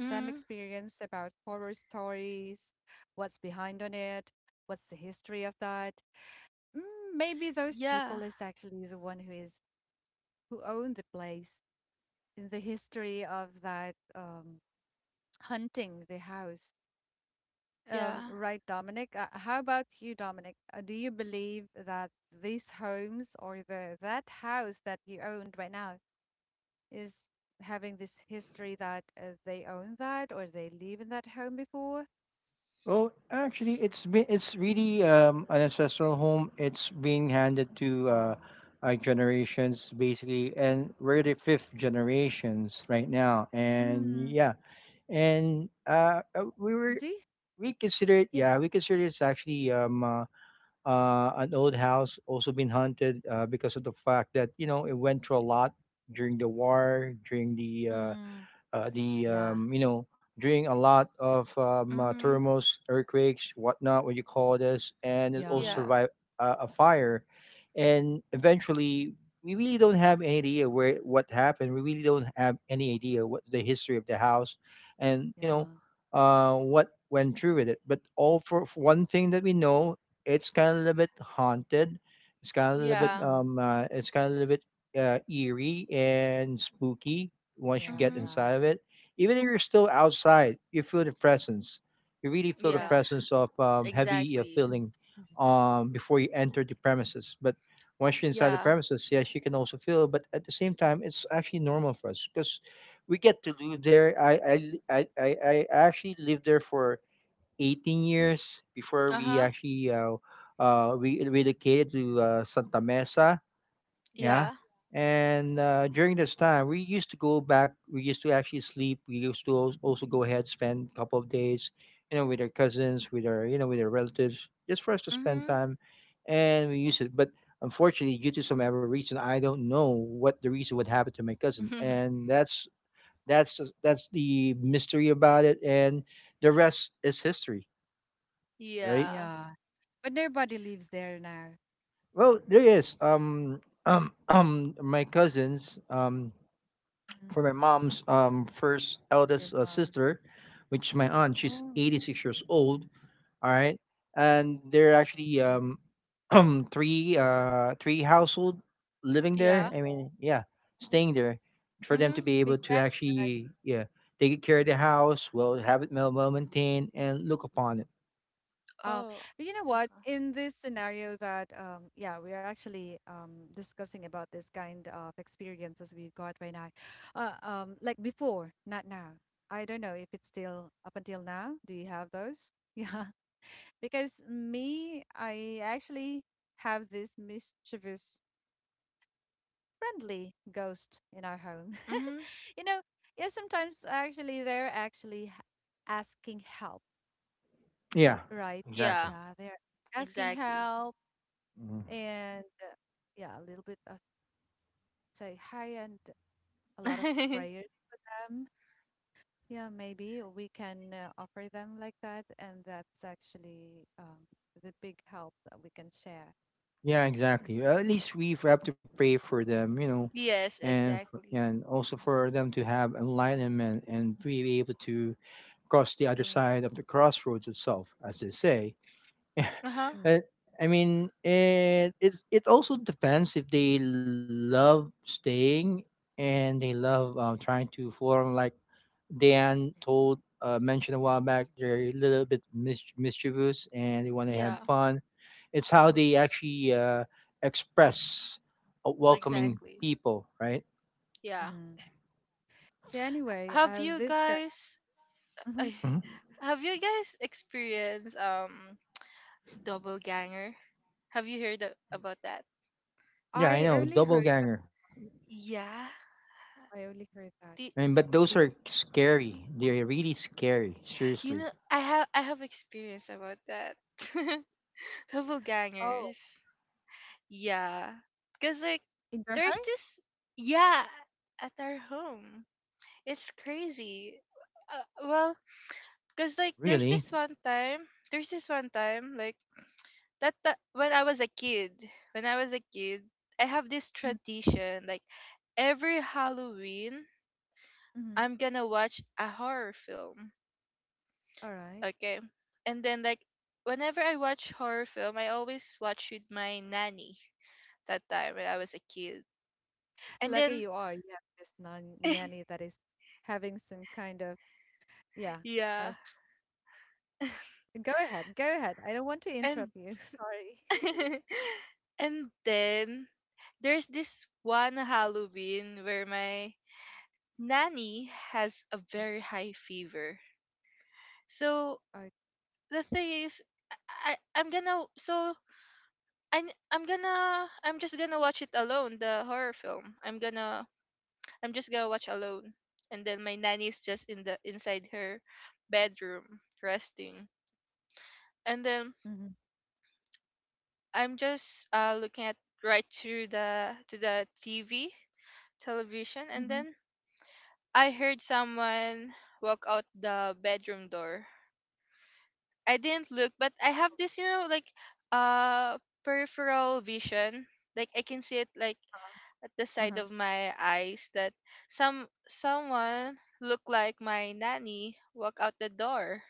[SPEAKER 1] some experience about horror stories, what's behind on it, what's the history of that. Mm, maybe those people
[SPEAKER 3] Yeah.
[SPEAKER 1] is actually the one who is who owned the place in the history of that hunting the house.
[SPEAKER 3] Yeah.
[SPEAKER 1] Right, Dominic. How about you, Dominic? Do you believe that these homes or the that house that you owned right now is having this history that they own that or they live in that home before?
[SPEAKER 2] Well, actually, it's really an ancestral home. It's being handed to
[SPEAKER 1] Oh.
[SPEAKER 2] our generations basically, and we're the fifth generations right now. And
[SPEAKER 1] Mm,
[SPEAKER 2] yeah, and we were
[SPEAKER 1] do you?
[SPEAKER 2] we consider it
[SPEAKER 1] Yeah.
[SPEAKER 2] yeah we consider it's actually an old house also been hunted because of the fact that it went through a lot during the war, during
[SPEAKER 1] Mm,
[SPEAKER 2] the
[SPEAKER 1] yeah.
[SPEAKER 2] you know during a lot of
[SPEAKER 3] Mhm.
[SPEAKER 2] thermals, earthquakes, whatnot, what you call this, and it also
[SPEAKER 1] Yeah.
[SPEAKER 3] Yeah.
[SPEAKER 2] survived a fire. And eventually, we really don't have any idea where what happened. We really don't have any idea what the history of the house, and
[SPEAKER 1] Yeah.
[SPEAKER 2] what went through with it. But all, for one thing that we know, it's kind of a little bit haunted. It's kind of a little bit
[SPEAKER 3] Yeah.
[SPEAKER 1] Mm-hmm.
[SPEAKER 2] eerie and spooky once you
[SPEAKER 1] Yeah.
[SPEAKER 2] get
[SPEAKER 3] Mhm.
[SPEAKER 1] Yeah.
[SPEAKER 2] inside of it, even if you're still outside, you feel the presence. You really feel the
[SPEAKER 1] Yeah.
[SPEAKER 3] Yeah.
[SPEAKER 2] presence of heavy
[SPEAKER 3] Exactly.
[SPEAKER 1] Mm,
[SPEAKER 2] feeling
[SPEAKER 1] mhm.
[SPEAKER 2] before you enter the premises. But once you're inside the
[SPEAKER 3] Yeah.
[SPEAKER 2] premises, yes, you can also feel. But at the same time, it's actually normal for us because we get to live there. I actually lived there for 18 years before we
[SPEAKER 3] Uh-huh.
[SPEAKER 2] actually uh, uh, we relocated to Santa Mesa, yeah.
[SPEAKER 3] Yeah.
[SPEAKER 2] And during this time, we used to go back. We used to actually sleep. We used to also go ahead spend a couple of days, with our cousins, with our relatives, just for us to spend
[SPEAKER 3] Mhm.
[SPEAKER 2] time, and we used it. But unfortunately, due to some ever reason, I don't know what the reason would happen to my cousin, and that's the mystery about it, and the rest is history, right?
[SPEAKER 3] Yeah.
[SPEAKER 1] Yeah. But nobody lives there now.
[SPEAKER 2] Well, there is my cousins
[SPEAKER 1] Mm,
[SPEAKER 2] for my mom's first
[SPEAKER 1] yeah.
[SPEAKER 2] eldest sister, which is my aunt. She's
[SPEAKER 1] Oh.
[SPEAKER 2] 86 years old. All right, and there are actually three household living there.
[SPEAKER 3] Yeah.
[SPEAKER 2] I mean, yeah,
[SPEAKER 1] Oh.
[SPEAKER 2] staying there for them to
[SPEAKER 3] Mhm.
[SPEAKER 2] be
[SPEAKER 1] Big
[SPEAKER 2] able to
[SPEAKER 1] family.
[SPEAKER 2] actually take care of the house, well have it well maintained and look upon it.
[SPEAKER 1] Oh,
[SPEAKER 3] Oh.
[SPEAKER 1] you know what?
[SPEAKER 3] Okay.
[SPEAKER 1] In this scenario that yeah, we're actually discussing about this kind of experiences we've got right now. Like before, not now. I don't know if it's still up until now. Do you have those? Yeah, because me, I actually have this mischievous friendly ghost in our home.
[SPEAKER 3] Mhm.
[SPEAKER 1] You know, yeah, sometimes actually they're actually asking help,
[SPEAKER 2] Yeah,
[SPEAKER 1] right?
[SPEAKER 2] exactly.
[SPEAKER 3] Yeah.
[SPEAKER 1] Yeah, they're asking
[SPEAKER 3] Exactly.
[SPEAKER 1] help.
[SPEAKER 2] Mhm.
[SPEAKER 1] And yeah, a little bit of say hi and a lot of prayer them. Yeah, maybe we can offer them like that, and that's actually the big help that we can share.
[SPEAKER 2] Yeah, exactly. At least we have to pray for them, you know,
[SPEAKER 3] Yes,
[SPEAKER 2] and
[SPEAKER 3] exactly.
[SPEAKER 2] also for them to have enlightenment and be able to cross the other
[SPEAKER 1] Yeah.
[SPEAKER 2] side of the crossroads itself, as they say.
[SPEAKER 3] Uh-huh.
[SPEAKER 1] Mm,
[SPEAKER 2] Uh, I mean, it also depends if they love staying and they love trying to form like Dan told mentioned a while back, they're a little bit mischievous and they want to have
[SPEAKER 3] Yeah.
[SPEAKER 2] fun. It's how they actually express
[SPEAKER 1] mm,
[SPEAKER 2] welcoming
[SPEAKER 3] Exactly.
[SPEAKER 2] people, right?
[SPEAKER 3] Yeah.
[SPEAKER 1] mhm. Yeah, anyway,
[SPEAKER 3] Have you
[SPEAKER 1] this guy,
[SPEAKER 3] guys
[SPEAKER 1] mhm.
[SPEAKER 2] Hmm.
[SPEAKER 3] Have you guys experienced double ganger? Have you heard about that?
[SPEAKER 2] Yeah,
[SPEAKER 1] I
[SPEAKER 2] I know,
[SPEAKER 1] only heard,
[SPEAKER 2] double ganger.
[SPEAKER 3] Yeah.
[SPEAKER 1] I only heard that.
[SPEAKER 3] The,
[SPEAKER 2] I mean, but those
[SPEAKER 1] Did
[SPEAKER 2] are scary.
[SPEAKER 1] you?
[SPEAKER 2] They're really scary.
[SPEAKER 3] you
[SPEAKER 2] Seriously,
[SPEAKER 3] know, I have experience about that. Double
[SPEAKER 1] Oh,
[SPEAKER 3] gangers. Yeah. Cause like
[SPEAKER 1] in your
[SPEAKER 3] there's
[SPEAKER 1] home?
[SPEAKER 3] this yeah, at our home. It's crazy. Well, cause like
[SPEAKER 2] really.
[SPEAKER 3] there's this one time, like when I was a kid, when I was a kid, I have this
[SPEAKER 1] Mm,
[SPEAKER 3] tradition like every Halloween
[SPEAKER 1] mhm.
[SPEAKER 3] I'm gonna watch a horror film.
[SPEAKER 1] All right.
[SPEAKER 3] Okay. And then, like, whenever I watch horror film, I always watch with my nanny that time when I was a kid. And
[SPEAKER 1] Lucky
[SPEAKER 3] then
[SPEAKER 1] you are. You have this non nanny that is having some kind of, yeah. Uh,
[SPEAKER 3] yeah.
[SPEAKER 1] go ahead, go ahead. I don't want to
[SPEAKER 3] and
[SPEAKER 1] interrupt you. Sorry.
[SPEAKER 3] And then there's this one Halloween where my nanny has a very high fever. So
[SPEAKER 1] Okay.
[SPEAKER 3] the thing is, I I- I'm gonna so I I'm I'm just gonna watch it alone, the horror film. I'm just gonna watch alone, and then my nanny's just in the inside her bedroom resting, and then
[SPEAKER 1] Mhm.
[SPEAKER 3] I'm just looking at right through the TV television, and
[SPEAKER 1] Mhm.
[SPEAKER 3] then I heard someone walk out the bedroom door. I didn't look, but I have this, like, uh peripheral vision. Like, I can see it, like,
[SPEAKER 1] Uh-huh.
[SPEAKER 3] at the side
[SPEAKER 1] Uh-huh.
[SPEAKER 3] of my eyes, that someone looked like my nanny walk out the door.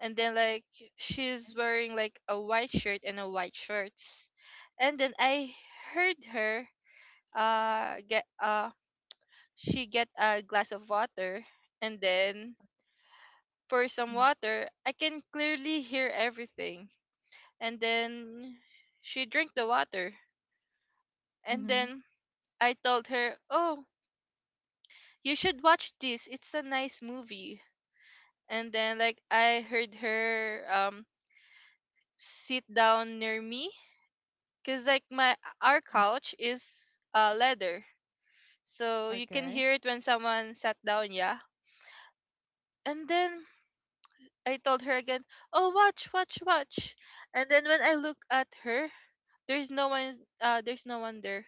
[SPEAKER 3] And then, like, she's
[SPEAKER 1] Right.
[SPEAKER 3] wearing like a white shirt and a white shorts. And then I heard her get she get a glass of water and then pour some
[SPEAKER 1] Mhm.
[SPEAKER 3] water. I can clearly hear everything. And then she drink the water, and
[SPEAKER 1] Mhm.
[SPEAKER 3] then I told her, "Oh, you should watch this, it's a nice movie." And then, like, I heard her sit down near me, because, like, my our
[SPEAKER 1] Uh-huh.
[SPEAKER 3] couch is leather, so you can
[SPEAKER 1] Okay.
[SPEAKER 3] hear it when someone sat down, yeah. And then I told her again, "Oh, watch, watch, watch." And then when I look at her, there's no one. There's no one there.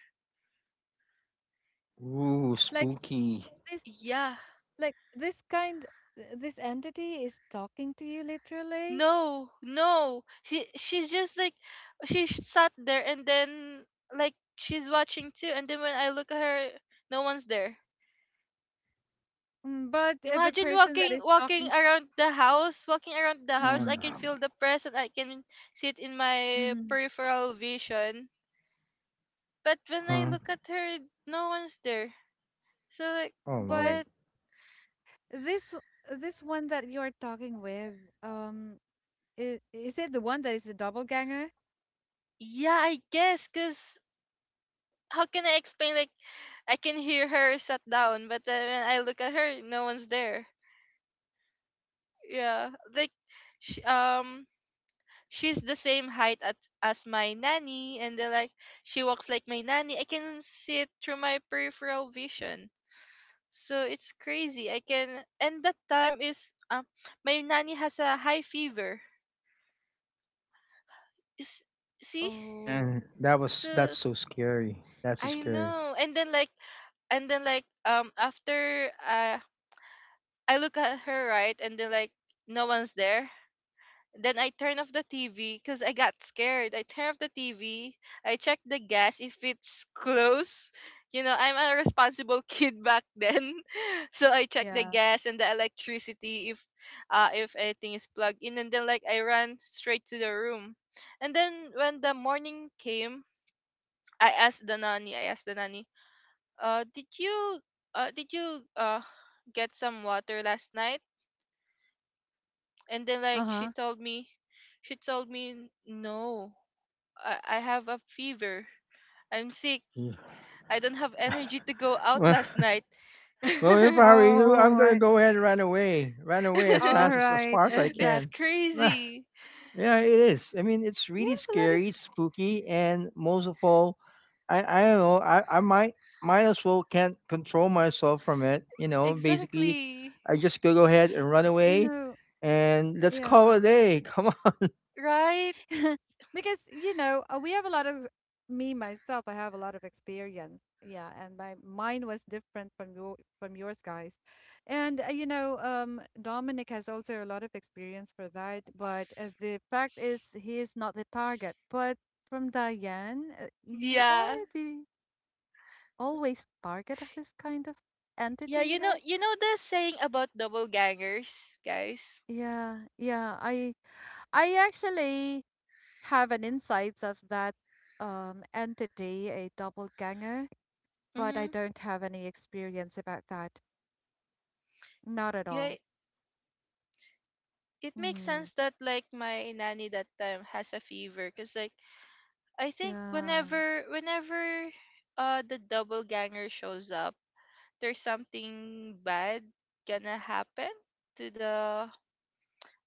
[SPEAKER 2] Ooh,
[SPEAKER 1] Like s-
[SPEAKER 2] spooky.
[SPEAKER 1] this,
[SPEAKER 3] Yeah.
[SPEAKER 1] like this kind, this entity is talking to you literally,
[SPEAKER 3] No, no. She's just like sat there, and then, like, she's watching too. And then when I look at her, no one's there.
[SPEAKER 1] mm, but the
[SPEAKER 3] Imagine
[SPEAKER 1] person that
[SPEAKER 3] walking
[SPEAKER 1] is
[SPEAKER 3] walking
[SPEAKER 1] talking,
[SPEAKER 3] around the house, walking around the house. I
[SPEAKER 1] mhm.
[SPEAKER 3] can
[SPEAKER 2] Ah.
[SPEAKER 3] feel the press, and I can see it in my
[SPEAKER 1] Mhm.
[SPEAKER 3] peripheral vision. But when I
[SPEAKER 2] Huh?
[SPEAKER 3] look at her, no one's there. So, like,
[SPEAKER 2] Oh
[SPEAKER 1] But
[SPEAKER 2] Lord,
[SPEAKER 3] what
[SPEAKER 1] this this one that you're talking with, um, is it the one that is the doppelganger?
[SPEAKER 3] Yeah, I guess, cause how can I explain? Like, I can hear her sat down, but then when I look at her, no one's there. Yeah, like she, um she's the same as my nanny, and they're like she walks like my nanny. I can see it through my peripheral vision, so it's crazy. And that time is, my nanny has a high fever. Is see
[SPEAKER 1] Oh,
[SPEAKER 2] man, that was
[SPEAKER 3] So.
[SPEAKER 2] that's so scary. That's so
[SPEAKER 3] I
[SPEAKER 2] scary.
[SPEAKER 3] know. And then, like, after, I look at her, right, and then, like, no one's there. Then I turn off the TV because I got scared. I turn off the TV. I check the gas if it's close. You know, I'm a responsible kid back then. So I check the
[SPEAKER 1] yeah.
[SPEAKER 3] gas and the electricity if anything is plugged in, and then, like, I ran straight to the room. And then when the morning came, I asked the nanny, uh did you did you uh get some water last night? And then, like,
[SPEAKER 1] Uh-huh.
[SPEAKER 3] she told me, "No, I have a fever, I'm sick,
[SPEAKER 2] Yeah.
[SPEAKER 3] I don't have energy to go out last night."
[SPEAKER 2] Well, if I were you,
[SPEAKER 1] Oh,
[SPEAKER 2] I'm gonna
[SPEAKER 1] right.
[SPEAKER 2] go ahead and run away
[SPEAKER 1] All
[SPEAKER 2] as
[SPEAKER 1] right.
[SPEAKER 2] far as I
[SPEAKER 1] That
[SPEAKER 3] It's
[SPEAKER 2] can.
[SPEAKER 3] crazy.
[SPEAKER 2] Yeah, it is. I mean, it's
[SPEAKER 1] we
[SPEAKER 2] really
[SPEAKER 1] have a lot of,
[SPEAKER 2] scary, it's spooky, and most of all, I don't know. I might as well can't control myself from it. You know, basically,
[SPEAKER 3] Exactly.
[SPEAKER 2] I just go ahead and run
[SPEAKER 1] you
[SPEAKER 2] away,
[SPEAKER 1] know,
[SPEAKER 2] and let's call it a
[SPEAKER 1] yeah.
[SPEAKER 2] day. Come on.
[SPEAKER 3] Right.
[SPEAKER 1] Because, you know, we have a lot of, me myself, I have a lot of experience. Yeah, and my mine was different from your from yours, guys. And you know, Dominic has also a lot of experience for that, but the fact is he is not the target. But from Diane, you
[SPEAKER 3] Yeah,
[SPEAKER 1] are the always target of this kind of entity,
[SPEAKER 3] yeah.
[SPEAKER 1] you
[SPEAKER 3] You know,
[SPEAKER 1] know?
[SPEAKER 3] you know the saying about double gangers, guys.
[SPEAKER 1] Yeah, yeah. I actually have an insights of that entity, a doppelganger, but I
[SPEAKER 3] Mm-hmm.
[SPEAKER 1] don't have any experience about that. Not at
[SPEAKER 3] Yeah,
[SPEAKER 1] all.
[SPEAKER 3] it makes
[SPEAKER 1] Hmm.
[SPEAKER 3] sense that, like, my nanny that time has a fever, because, like, I think
[SPEAKER 1] Yeah.
[SPEAKER 3] whenever, the double ganger shows up, there's something bad gonna happen to the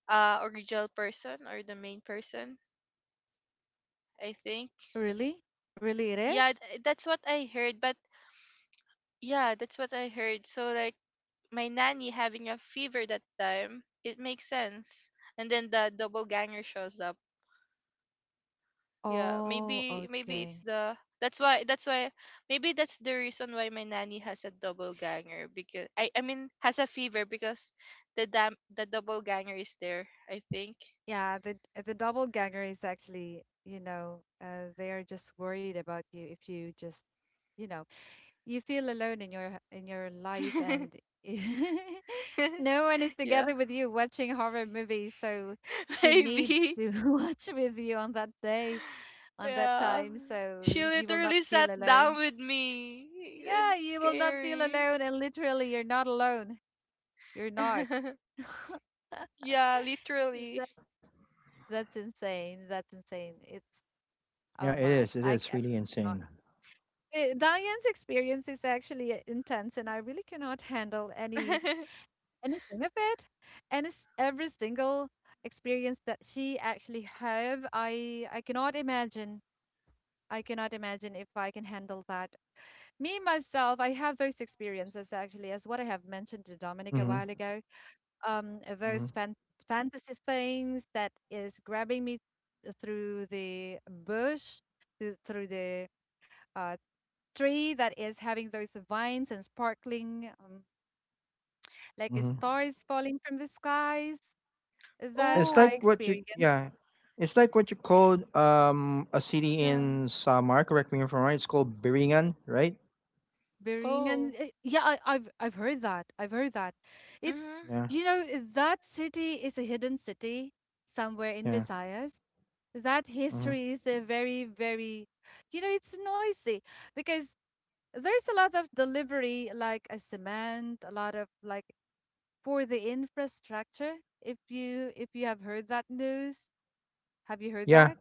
[SPEAKER 3] original person or the main person, I think.
[SPEAKER 1] Really? Really it
[SPEAKER 3] Yeah,
[SPEAKER 1] is?
[SPEAKER 3] that's what I heard, but yeah, that's what I heard. So, like, my nanny having a fever that time, it makes sense. And then the double ganger shows up. Yeah,
[SPEAKER 1] Oh,
[SPEAKER 3] maybe it's
[SPEAKER 1] okay.
[SPEAKER 3] the that's why maybe that's the reason why my nanny has a double ganger, because I mean has a fever, because the double ganger is there, I think.
[SPEAKER 1] Yeah, the doppelganger is actually, you know, they are just worried about you if you just, you know, you feel alone in your life and no one is
[SPEAKER 3] Yeah.
[SPEAKER 1] together with you watching horror movies, so she needs
[SPEAKER 3] Maybe.
[SPEAKER 1] to watch with you on that day, on that
[SPEAKER 3] Yeah,
[SPEAKER 1] time,
[SPEAKER 3] she
[SPEAKER 1] so you will not
[SPEAKER 3] literally
[SPEAKER 1] feel
[SPEAKER 3] sat
[SPEAKER 1] alone.
[SPEAKER 3] down with me.
[SPEAKER 1] Yeah,
[SPEAKER 3] It's
[SPEAKER 1] you will not feel
[SPEAKER 3] scary.
[SPEAKER 1] alone, and literally, you're not alone. You're not.
[SPEAKER 3] Yeah, literally.
[SPEAKER 1] That,
[SPEAKER 2] Yep.
[SPEAKER 1] that's insane. That's insane. It's,
[SPEAKER 2] Yeah,
[SPEAKER 1] oh
[SPEAKER 2] it is.
[SPEAKER 1] my.
[SPEAKER 2] It is really insane.
[SPEAKER 1] Diane's experience is actually intense, and I really cannot handle any anything of it. And it's every single experience that she actually have, I cannot imagine. I cannot imagine if I can handle that. Me myself, I have those experiences actually, as what I have mentioned to Dominic a
[SPEAKER 2] Mm-hmm.
[SPEAKER 1] while ago.
[SPEAKER 2] Mm-hmm.
[SPEAKER 1] Those fantasy things that is grabbing me through the bush, through through the uh, tree that is having those vines and sparkling like
[SPEAKER 2] Mm-hmm.
[SPEAKER 1] stars falling from the skies that
[SPEAKER 2] It's
[SPEAKER 1] I
[SPEAKER 2] like
[SPEAKER 3] Oh.
[SPEAKER 2] what you
[SPEAKER 1] experienced.
[SPEAKER 2] yeah. It's like what you called a city
[SPEAKER 1] Yeah,
[SPEAKER 2] in Samar, correct me if I'm right, it's called Biringan, right?
[SPEAKER 1] Bering
[SPEAKER 3] Oh.
[SPEAKER 1] and yeah, I've heard that. I've heard that. It's
[SPEAKER 3] Mm-hmm.
[SPEAKER 2] Yeah,
[SPEAKER 1] you know eh, that city is a hidden city somewhere in
[SPEAKER 2] yeah.
[SPEAKER 1] Visayas. That
[SPEAKER 2] Mm-hmm.
[SPEAKER 1] history is a very very, you know, it's noisy because there's a lot of delivery like a cement, a lot of like for the infrastructure. If you have heard that news, have you heard
[SPEAKER 2] Yeah.
[SPEAKER 1] that?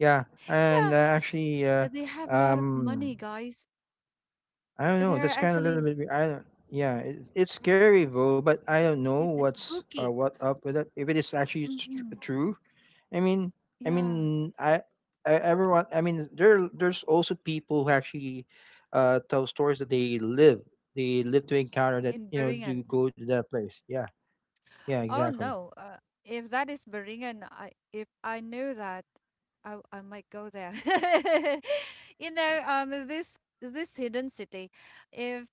[SPEAKER 2] Yeah, and
[SPEAKER 1] Yeah,
[SPEAKER 2] actually,
[SPEAKER 1] they have a lot of money,
[SPEAKER 2] um,
[SPEAKER 1] guys.
[SPEAKER 2] I don't know.
[SPEAKER 1] They're
[SPEAKER 2] That's kind of a little
[SPEAKER 1] actually
[SPEAKER 2] bit. I don't. Yeah, it's scary though, but I don't know
[SPEAKER 1] it's
[SPEAKER 2] what's
[SPEAKER 1] spooky.
[SPEAKER 2] what up with it. If it is actually
[SPEAKER 1] Hmm.
[SPEAKER 2] true, I mean, I
[SPEAKER 1] Yeah,
[SPEAKER 2] mean, I everyone. I mean, there's also people who actually tell stories that they live to encounter that
[SPEAKER 1] in Beringen.
[SPEAKER 2] to go to that place. Yeah, yeah,
[SPEAKER 1] Oh
[SPEAKER 2] exactly.
[SPEAKER 1] no, if that is Beringen, I if I knew that, I might go there. You know, this this hidden city. If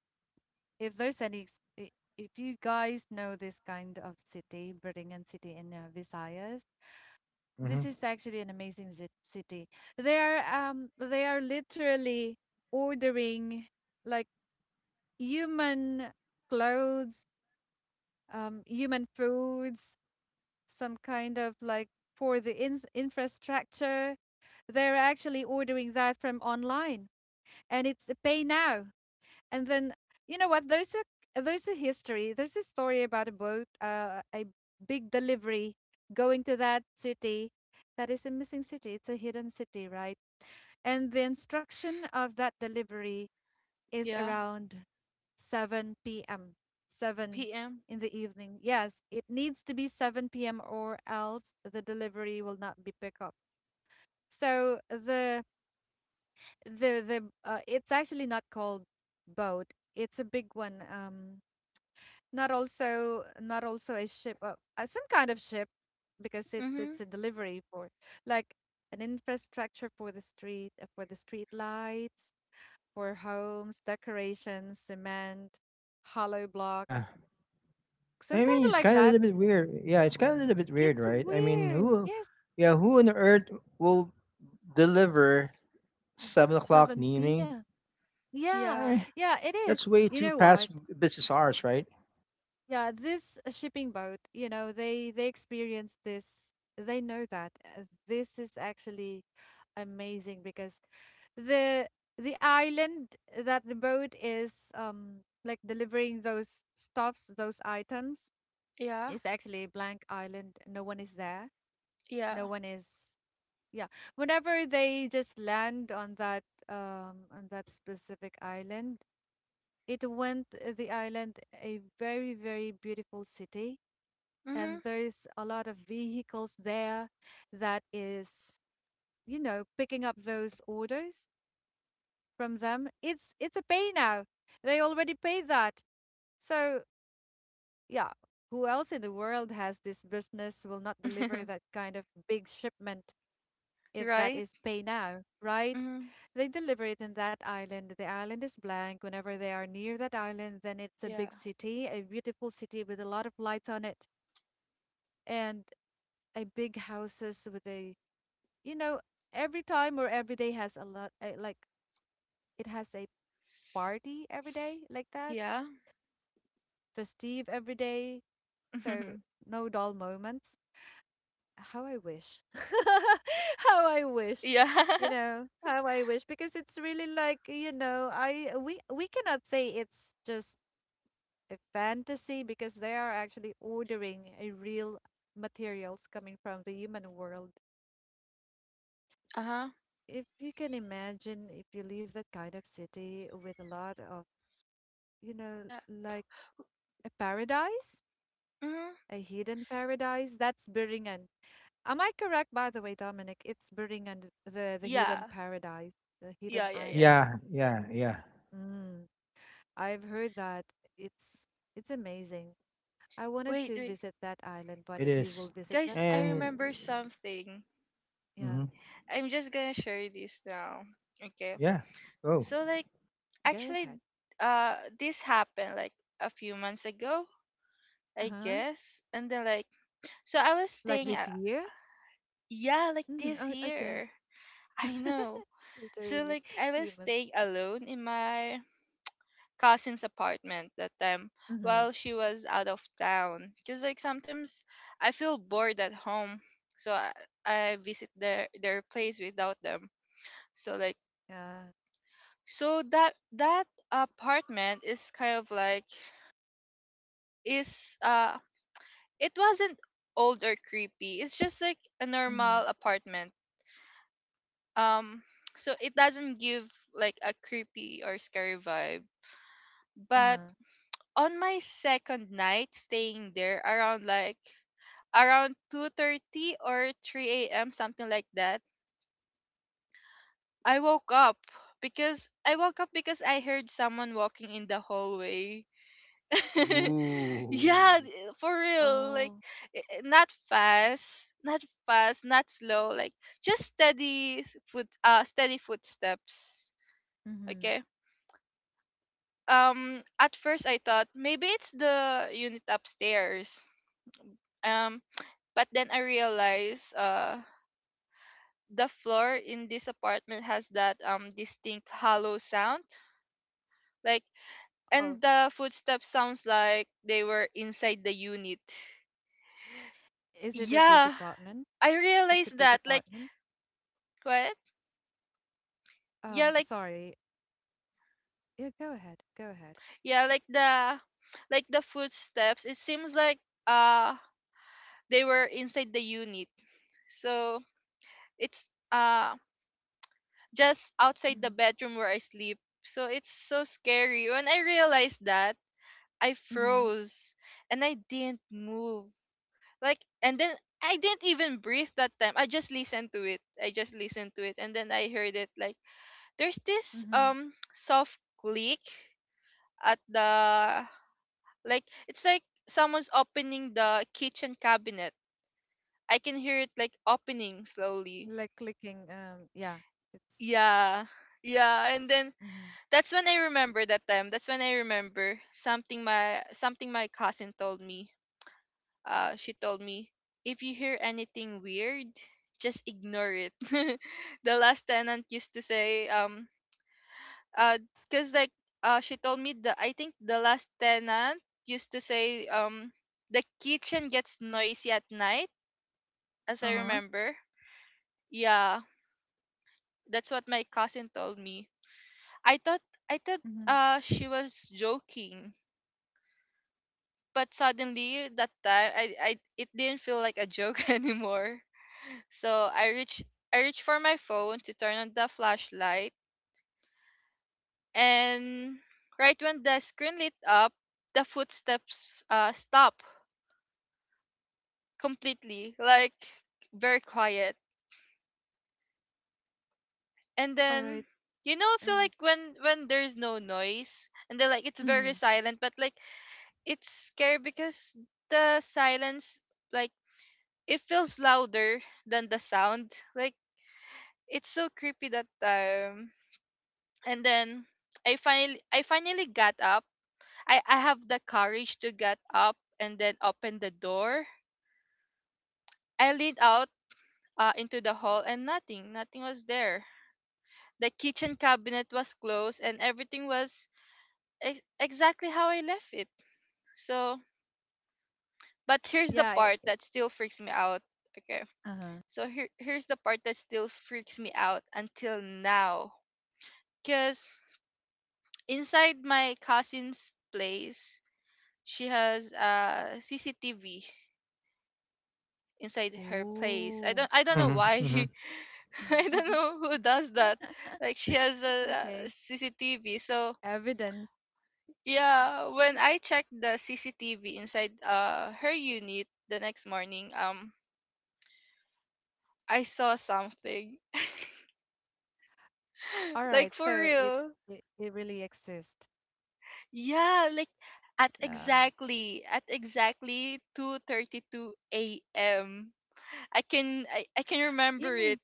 [SPEAKER 1] if there's any, if you guys know this kind of city, Beringen city in Visayas, this
[SPEAKER 2] Hmm.
[SPEAKER 1] is actually an amazing city. They are literally ordering like human clothes, human foods, some kind of like for the infrastructure. They're actually ordering that from online, and it's a pay now. And then you know what? There's a history. There's a story about a boat, a big delivery going to that city. That is a missing city. It's a hidden city, right? And the instruction of that delivery is
[SPEAKER 3] Yeah.
[SPEAKER 1] around 7 p.m. 7
[SPEAKER 3] Pm.
[SPEAKER 1] in the evening. Yes, it needs to be 7 p.m. or else the delivery will not be picked up. So the it's actually not called boat. It's a big one. Not also a ship. Some kind of ship because it's
[SPEAKER 3] Mm-hmm.
[SPEAKER 1] it's a delivery for like an infrastructure for the street lights, for homes, decorations, cement, hollow
[SPEAKER 2] Yeah.
[SPEAKER 1] blocks, some
[SPEAKER 2] I
[SPEAKER 1] kind
[SPEAKER 2] mean,
[SPEAKER 1] of
[SPEAKER 2] it's
[SPEAKER 1] like
[SPEAKER 2] kind of a
[SPEAKER 1] that.
[SPEAKER 2] little bit weird. Yeah, it's kind of a little bit weird,
[SPEAKER 1] It's
[SPEAKER 2] right? I mean,
[SPEAKER 1] weird.
[SPEAKER 2] who,
[SPEAKER 1] Yes,
[SPEAKER 2] yeah, who on earth will deliver 7 o'clock in the
[SPEAKER 1] 7
[SPEAKER 2] evening?
[SPEAKER 1] p.m. Yeah,
[SPEAKER 2] I
[SPEAKER 3] Yeah.
[SPEAKER 2] mean,
[SPEAKER 1] yeah, it is.
[SPEAKER 2] that's way
[SPEAKER 1] You
[SPEAKER 2] too
[SPEAKER 1] know what?
[SPEAKER 2] past business hours, right?
[SPEAKER 1] Yeah, this shipping boat, they experience this. They know that this is actually amazing because the the island that the boat is like delivering those stuffs, those items,
[SPEAKER 3] Yeah.
[SPEAKER 1] is actually a blank island. No one is there.
[SPEAKER 3] Yeah.
[SPEAKER 1] No one is Yeah. Whenever they just land on that on that specific island, it went the island a very very beautiful city, and
[SPEAKER 3] Mhm.
[SPEAKER 1] there's a lot of vehicles there that is picking up those orders from them. It's a pay now. They already pay that, so yeah, who else in the world has this business will not deliver that kind of big shipment if that
[SPEAKER 3] Right?
[SPEAKER 1] is pay now, right?
[SPEAKER 3] Mhm.
[SPEAKER 1] They deliver it in that island. The island is blank. Whenever they are near that island, then it's a
[SPEAKER 3] Yeah.
[SPEAKER 1] big city, a beautiful city with a lot of lights on it, and a big houses with a, you know, every time or every day has a lot, a, like it has a party every day like that,
[SPEAKER 3] Yeah.
[SPEAKER 1] festive every day. So no dull moments. How I wish. How I wish,
[SPEAKER 3] Yeah.
[SPEAKER 1] how I wish, because it's really like I, we cannot say it's just a fantasy because they are actually ordering a real materials coming from the human world.
[SPEAKER 3] Uh-huh.
[SPEAKER 1] If you can imagine, if you leave that kind of city with a lot of, you know,
[SPEAKER 3] Yeah.
[SPEAKER 1] like a paradise,
[SPEAKER 3] Mhm.
[SPEAKER 1] a hidden paradise, that's Beringen. Am I correct, by the way, Dominic? It's Beringen, the hidden
[SPEAKER 3] Yeah.
[SPEAKER 1] paradise, the
[SPEAKER 3] Yeah,
[SPEAKER 1] hidden
[SPEAKER 3] yeah, yeah.
[SPEAKER 1] island.
[SPEAKER 2] Yeah, yeah, yeah.
[SPEAKER 1] Mm, I've heard that. It's it's amazing. I wanted
[SPEAKER 3] Wait,
[SPEAKER 1] to
[SPEAKER 3] wait.
[SPEAKER 1] visit that island, but
[SPEAKER 2] It
[SPEAKER 1] if you will
[SPEAKER 2] is,
[SPEAKER 1] visit that
[SPEAKER 3] Guys, I
[SPEAKER 1] island,
[SPEAKER 2] and
[SPEAKER 3] remember something.
[SPEAKER 1] yeah.
[SPEAKER 2] mhm,
[SPEAKER 3] I'm just going to share this now. Okay.
[SPEAKER 2] yeah. Oh,
[SPEAKER 3] So, like,
[SPEAKER 1] Go
[SPEAKER 3] actually,
[SPEAKER 1] ahead.
[SPEAKER 3] this happened like a few months ago, I
[SPEAKER 1] Uh-huh.
[SPEAKER 3] guess. And then, like, so I was
[SPEAKER 1] Like
[SPEAKER 3] staying
[SPEAKER 1] this
[SPEAKER 3] at,
[SPEAKER 1] year?
[SPEAKER 3] yeah, like
[SPEAKER 1] Mm-hmm.
[SPEAKER 3] this
[SPEAKER 1] Oh, okay.
[SPEAKER 3] year. I know. So,
[SPEAKER 1] Literally
[SPEAKER 3] like, I was
[SPEAKER 1] few months.
[SPEAKER 3] staying alone in my cousin's apartment that time,
[SPEAKER 1] Mm-hmm.
[SPEAKER 3] while she was out of town. Just like sometimes I feel bored at home, so I visit their place without them. So, like,
[SPEAKER 1] Yeah.
[SPEAKER 3] so that apartment is kind of, like, is it wasn't old or creepy. It's just like a
[SPEAKER 1] Mm-hmm.
[SPEAKER 3] normal apartment. Um so it doesn't give like a creepy or scary vibe. But
[SPEAKER 1] Uh-huh.
[SPEAKER 3] on my second night staying there, around, like, around 2:30 or 3 a.m., something like that, I woke up because I heard someone walking in the hallway.
[SPEAKER 2] ooh.
[SPEAKER 3] Yeah, for real. Like,
[SPEAKER 1] Oh.
[SPEAKER 3] not fast, not slow, like just steady s- foot steady footsteps.
[SPEAKER 1] Mm-hmm.
[SPEAKER 3] Okay. At first I thought maybe it's the unit upstairs. Um but then I realized the floor in this apartment has that distinct hollow sound, like,
[SPEAKER 1] Oh.
[SPEAKER 3] and the footsteps sounds like they were inside the unit.
[SPEAKER 1] Is it a big
[SPEAKER 3] Yeah,
[SPEAKER 1] apartment?
[SPEAKER 3] I
[SPEAKER 1] It's a
[SPEAKER 3] realized
[SPEAKER 1] big
[SPEAKER 3] that, like.
[SPEAKER 1] apartment.
[SPEAKER 3] What? Yeah,
[SPEAKER 1] Um,
[SPEAKER 3] like.
[SPEAKER 1] sorry. Yeah, go ahead. Go ahead.
[SPEAKER 3] Yeah like the like the footsteps, it seems like uh they were inside the unit. So it's, uh, just outside the
[SPEAKER 1] Mm-hmm.
[SPEAKER 3] bedroom where I sleep, so it's so scary when I realized that. I
[SPEAKER 1] Mm-hmm.
[SPEAKER 3] froze and I didn't move, like, and then I didn't even breathe that time. I just listened to it. I just listened to it, and then I heard it, like, there's this
[SPEAKER 1] Mm-hmm.
[SPEAKER 3] soft click at the, like it's like someone's opening the kitchen cabinet. I can hear it, like, opening slowly.
[SPEAKER 1] Like clicking, yeah. It's
[SPEAKER 3] Yeah. Yeah, and then
[SPEAKER 1] Mm-hmm.
[SPEAKER 3] that's when I remember that time, that's when I remember something my cousin told me. She told me, if you hear anything weird, just ignore it. The last tenant used to say, uh, cause like, she told me the, I think the last tenant used to say, the kitchen gets noisy at night, as I
[SPEAKER 1] Uh-huh.
[SPEAKER 3] remember. Yeah, that's what my cousin told me. I thought, I thought,
[SPEAKER 1] Mm-hmm.
[SPEAKER 3] she was joking, but suddenly that time, I, it didn't feel like a joke anymore. So I reach for my phone to turn on the flashlight, and right when the screen lit up, the footsteps stop completely, like, very quiet. And
[SPEAKER 1] All
[SPEAKER 3] then,
[SPEAKER 1] right.
[SPEAKER 3] you know, I feel
[SPEAKER 1] And
[SPEAKER 3] like when there's no noise and then, like, it's very
[SPEAKER 1] Mm-hmm.
[SPEAKER 3] silent, but, like, it's scary because the silence, like, it feels louder than the sound. Like, it's so creepy that time. And then I finally got up. I have the courage to get up and then open the door. I leaned out into the hall, and nothing, nothing was there. The kitchen cabinet was closed and everything was exactly how I left it. So, but here's the
[SPEAKER 1] Yeah.
[SPEAKER 3] part that still freaks me out. Okay.
[SPEAKER 1] Uh-huh.
[SPEAKER 3] So here's the part that still freaks me out until now. Cuz inside my cousin's place, she has a CCTV inside her place.
[SPEAKER 1] Ooh.
[SPEAKER 3] I don't know
[SPEAKER 2] Mm-hmm,
[SPEAKER 3] why.
[SPEAKER 2] mm-hmm.
[SPEAKER 3] I don't know who does that. Like she has a,
[SPEAKER 1] Okay.
[SPEAKER 3] CCTV. So
[SPEAKER 1] Evidence.
[SPEAKER 3] yeah, when I checked the CCTV inside her unit the next morning, I saw something.
[SPEAKER 1] All right.
[SPEAKER 3] Like, for
[SPEAKER 1] So it
[SPEAKER 3] real.
[SPEAKER 1] it, it really exists.
[SPEAKER 3] Yeah, like at
[SPEAKER 1] Uh,
[SPEAKER 3] exactly 2:32 a.m. I can
[SPEAKER 1] you
[SPEAKER 3] remember
[SPEAKER 1] know.
[SPEAKER 3] it.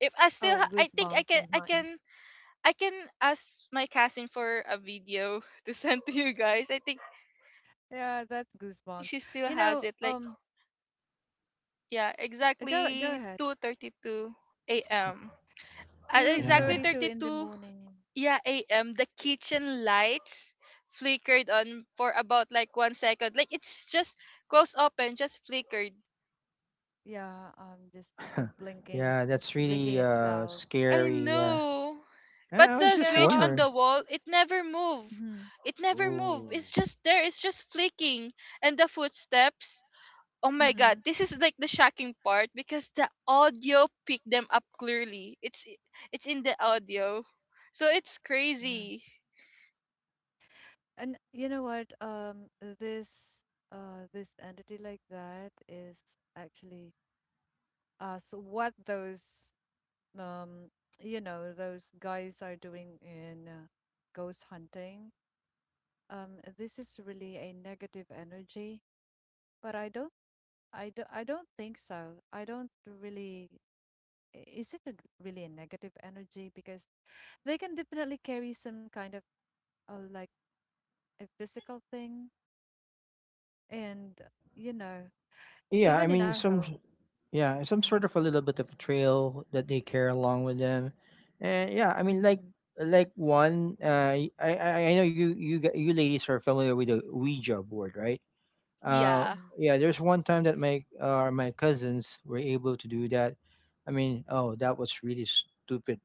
[SPEAKER 3] If I still
[SPEAKER 1] Oh,
[SPEAKER 3] I think
[SPEAKER 1] goosebumps in my.
[SPEAKER 3] I can ask my cousin for a video to send to you guys. I think
[SPEAKER 1] Yeah, that's goosebumps.
[SPEAKER 3] she still
[SPEAKER 1] You
[SPEAKER 3] has
[SPEAKER 1] know.
[SPEAKER 3] it. Like, yeah,
[SPEAKER 1] Go
[SPEAKER 3] exactly
[SPEAKER 1] ahead.
[SPEAKER 3] 2:32 a.m. At
[SPEAKER 1] Two
[SPEAKER 3] exactly
[SPEAKER 2] Yeah.
[SPEAKER 1] thirty two in the
[SPEAKER 3] 32,
[SPEAKER 1] morning.
[SPEAKER 3] yeah, a.m., the kitchen lights flickered on for about like 1 second. Like, it's just close, open, just flickered.
[SPEAKER 1] Yeah. I'm just blinking,
[SPEAKER 2] Yeah, that's
[SPEAKER 1] blinking
[SPEAKER 2] really
[SPEAKER 1] itself.
[SPEAKER 3] I
[SPEAKER 2] scary. Yeah.
[SPEAKER 3] know. But
[SPEAKER 2] Yeah, I was
[SPEAKER 3] the
[SPEAKER 1] You
[SPEAKER 2] just
[SPEAKER 1] know.
[SPEAKER 3] switch on
[SPEAKER 2] wondering.
[SPEAKER 3] the wall, it never move.
[SPEAKER 1] Mm-hmm,
[SPEAKER 3] It never move.
[SPEAKER 2] Oh.
[SPEAKER 3] It's just there. It's just flicking. And the footsteps, oh my
[SPEAKER 1] mm-hmm.
[SPEAKER 3] god, this is like the shocking part because the audio picked them up clearly. It's in the audio. So it's
[SPEAKER 1] Yeah.
[SPEAKER 3] crazy.
[SPEAKER 1] And you know what? This. This entity like that is actually. So what those um those guys are doing in ghost hunting, this is really a negative energy, but I don't think so, I don't really. Is it really a negative energy? Because they can definitely carry some kind of like a physical thing, and
[SPEAKER 2] Uh,
[SPEAKER 1] you know
[SPEAKER 2] Yeah, I
[SPEAKER 1] even in
[SPEAKER 2] mean
[SPEAKER 1] our home.
[SPEAKER 2] some sort of a little bit of a trail that they carry along with them. And yeah, I mean like
[SPEAKER 1] Mm-hmm.
[SPEAKER 2] like I know you ladies are familiar with the Ouija board, right? Uh
[SPEAKER 3] Yeah.
[SPEAKER 1] Mm-hmm.
[SPEAKER 2] yeah, there's one time that my cousins were able to do that. I mean, oh, that was really stupid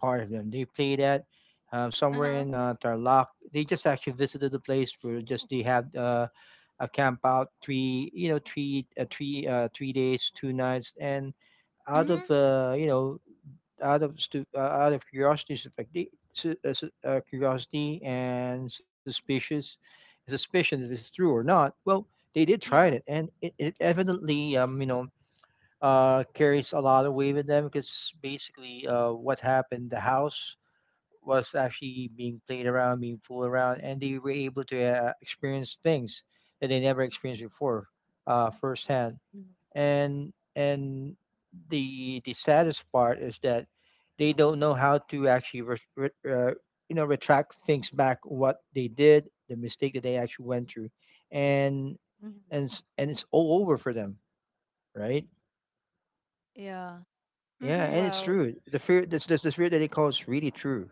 [SPEAKER 2] part of them. They played at somewhere
[SPEAKER 3] Uh-huh.
[SPEAKER 2] in Tarlac. They just actually visited the place for just they had a camp out three you know three three three days two nights, and out
[SPEAKER 1] Hmm.
[SPEAKER 3] Mhm.
[SPEAKER 2] of uh, you know out of curiosity. It's like curiosity and suspicious suspicion if it's true or not. Well, they did try it,
[SPEAKER 3] Yeah.
[SPEAKER 2] and it evidently carries a lot of weight with them because basically what happened, the house was actually being played around, being fooled around, and they were able to experience things that they never experienced before, firsthand.
[SPEAKER 1] Hmm.
[SPEAKER 2] And the saddest part is that they don't know how to actually retract things back what they did, the mistake that they actually went through, and
[SPEAKER 1] Hmm.
[SPEAKER 2] it's all over for them, right?
[SPEAKER 1] Yeah.
[SPEAKER 2] Yeah,
[SPEAKER 3] Mhm.
[SPEAKER 2] and it's
[SPEAKER 1] Well,
[SPEAKER 2] true. The fear that's the fear that they call is really true.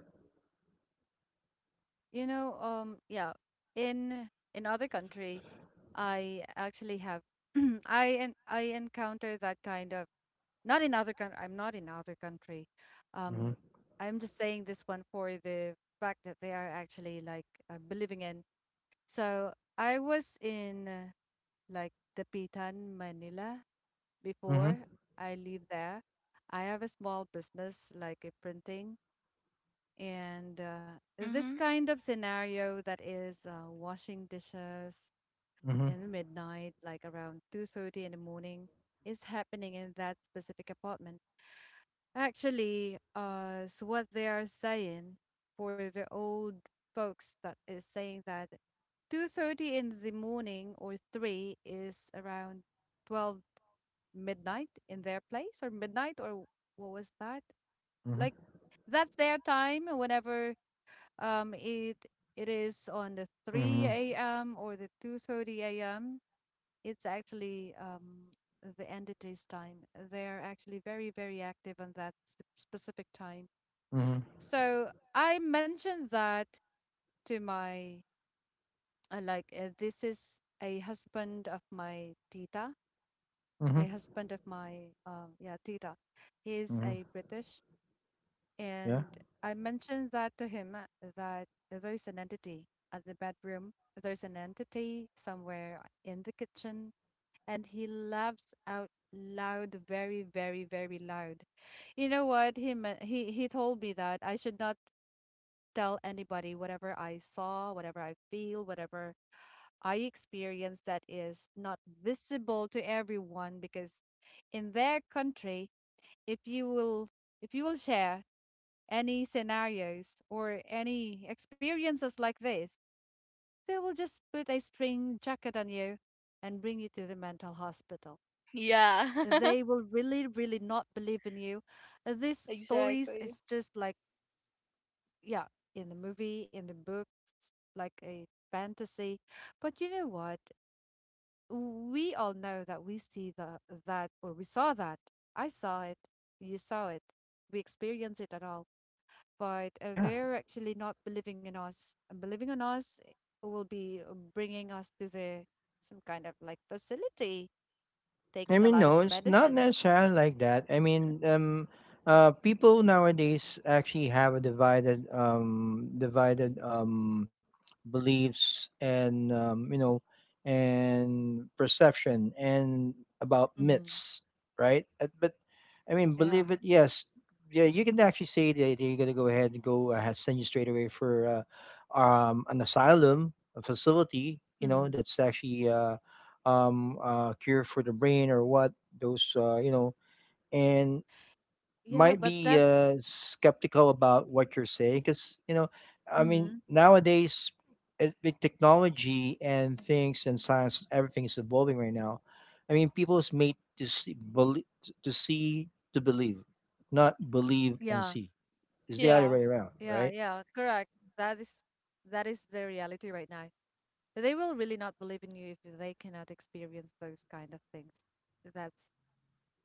[SPEAKER 1] you know, yeah, in other country, I actually have I encounter that kind of, not in other country. I'm not in other country.
[SPEAKER 2] Mm-hmm.
[SPEAKER 1] Um, I'm just saying this one for the fact that they are actually like believing in. So I was in like Dapitan, Manila
[SPEAKER 2] Mm-hmm.
[SPEAKER 1] before. I live there. I have a small business like a printing. And this
[SPEAKER 3] Mhm.
[SPEAKER 1] kind of scenario that is washing dishes
[SPEAKER 2] Mm-hmm.
[SPEAKER 1] in the midnight, like around 2:30 in the morning, is happening in that specific apartment. Actually, so what they are saying, for the old folks that is saying that 2:30 in the morning or 3 is around 12 midnight in their place, or midnight, or what was that? Like that's their time whenever. It is on the
[SPEAKER 2] Mhm.
[SPEAKER 1] 3 a.m. or the 2:30 a.m. It's actually the entity's time. They're actually very, very active on that specific time.
[SPEAKER 2] Mhm.
[SPEAKER 1] So I mentioned that to my like this is a husband of my tita,
[SPEAKER 2] Mhm.
[SPEAKER 1] a husband of my yeah, tita. He's
[SPEAKER 2] Mhm.
[SPEAKER 1] a British.
[SPEAKER 2] Yeah.
[SPEAKER 1] And I mentioned that to him, that there's an entity at the bedroom, there's an entity somewhere in the kitchen, and he laughs out loud, very, very, very loud. You know what? He told me that I should not tell anybody whatever I saw, whatever I feel, whatever I experience that is not visible to everyone, because in their country, if you will share any scenarios or any experiences like this, they will just put a string jacket on you and bring you to the mental hospital.
[SPEAKER 3] Yeah.
[SPEAKER 1] They will really, really not believe in you. These stories
[SPEAKER 3] Exactly.
[SPEAKER 1] is just like, yeah, in the movie, in the book, like a fantasy. But you know what? We all know that we see the that, or we saw that. I saw it. You saw it. We experience it at all. But
[SPEAKER 2] Yeah.
[SPEAKER 1] they're actually not believing in us. And believing in us will be bringing us to the some kind of like facility,
[SPEAKER 2] I
[SPEAKER 1] taking a
[SPEAKER 2] mean,
[SPEAKER 1] lot of
[SPEAKER 2] no, it's not
[SPEAKER 1] medicine.
[SPEAKER 2] necessarily like that. I mean, people nowadays actually have a divided beliefs and perception and about
[SPEAKER 1] Mm-hmm.
[SPEAKER 2] myths, right? But I mean,
[SPEAKER 1] Yeah.
[SPEAKER 2] believe it, yes, yeah, you can actually say that you're gonna go ahead and go send you straight away for an asylum, a facility, you know,
[SPEAKER 1] Mm-hmm.
[SPEAKER 2] that's actually cure for the brain or what those and
[SPEAKER 1] Yeah,
[SPEAKER 2] might
[SPEAKER 1] but
[SPEAKER 2] be
[SPEAKER 1] that's,
[SPEAKER 2] skeptical about what you're saying, because I
[SPEAKER 1] mm-hmm.
[SPEAKER 2] mean nowadays, with technology and things and science, everything is evolving right now. I mean people is made to see, to see, to believe, not believe and
[SPEAKER 1] Yeah,
[SPEAKER 2] see. It's the other
[SPEAKER 3] Yeah.
[SPEAKER 2] way around,
[SPEAKER 1] yeah,
[SPEAKER 2] right?
[SPEAKER 1] yeah, correct. That is the reality right now. They will really not believe in you if they cannot experience those kind of things. That's,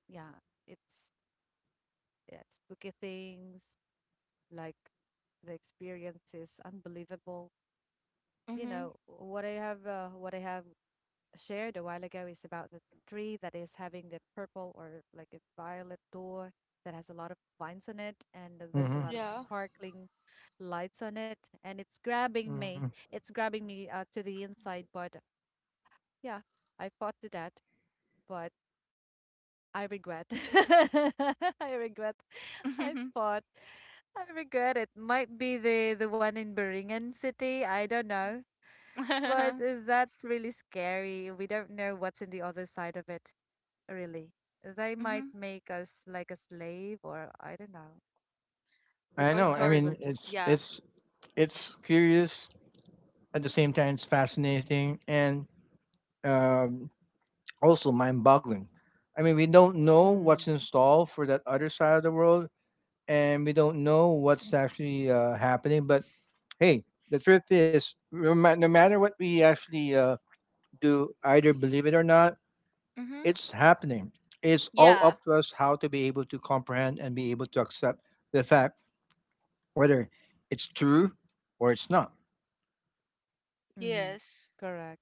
[SPEAKER 1] yeah, it's, yeah, spooky things, like the experience is unbelievable. You
[SPEAKER 3] Mhm.
[SPEAKER 1] know what? I have What I have shared a while ago is about the tree that is having the purple or like a violet door that has a lot of vines on it, and there's a
[SPEAKER 2] Mm-hmm.
[SPEAKER 1] lot of
[SPEAKER 3] Yeah.
[SPEAKER 1] sparkling lights on it, and
[SPEAKER 2] Mm-hmm.
[SPEAKER 1] it's grabbing me to the inside. But yeah, I fought to that, but I regret. I regret. I
[SPEAKER 3] Mhm.
[SPEAKER 1] fought. I regret. It might be the one in Beringen city, I don't know. But that's really scary. We don't know what's in the other side of it, really. They might
[SPEAKER 3] Mhm.
[SPEAKER 1] make us like a slave, or I don't know, if
[SPEAKER 2] I
[SPEAKER 3] Or
[SPEAKER 2] know, I
[SPEAKER 3] tor,
[SPEAKER 1] somebody
[SPEAKER 2] mean
[SPEAKER 1] will just.
[SPEAKER 2] it's
[SPEAKER 3] yeah.
[SPEAKER 2] it's it's curious. At the same time, it's fascinating and um, also mind-boggling. I mean we don't know what's in store for that other side of the world, and we don't know what's actually happening. But hey, the truth is, no matter what we actually do, either believe it or not,
[SPEAKER 3] Mhm.
[SPEAKER 2] it's happening. It's all
[SPEAKER 3] Yeah.
[SPEAKER 2] up to us how to be able to comprehend and be able to accept the fact, whether it's true or it's not.
[SPEAKER 1] Mm-hmm.
[SPEAKER 3] Yes.
[SPEAKER 1] Correct.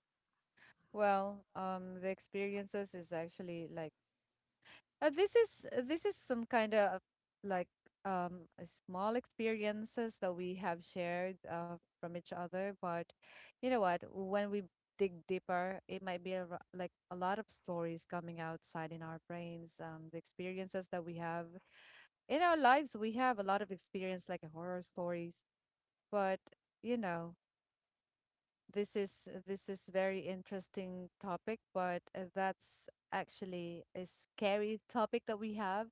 [SPEAKER 1] Well, the experiences is actually like. This is some kind of like a small experiences that we have shared from each other, but you know what? When we dig deeper, it might be like a lot of stories coming outside in our brains. The experiences that we have in our lives, we have a lot of experience like horror stories, but you know, this is very interesting topic, but that's actually a scary topic that we have,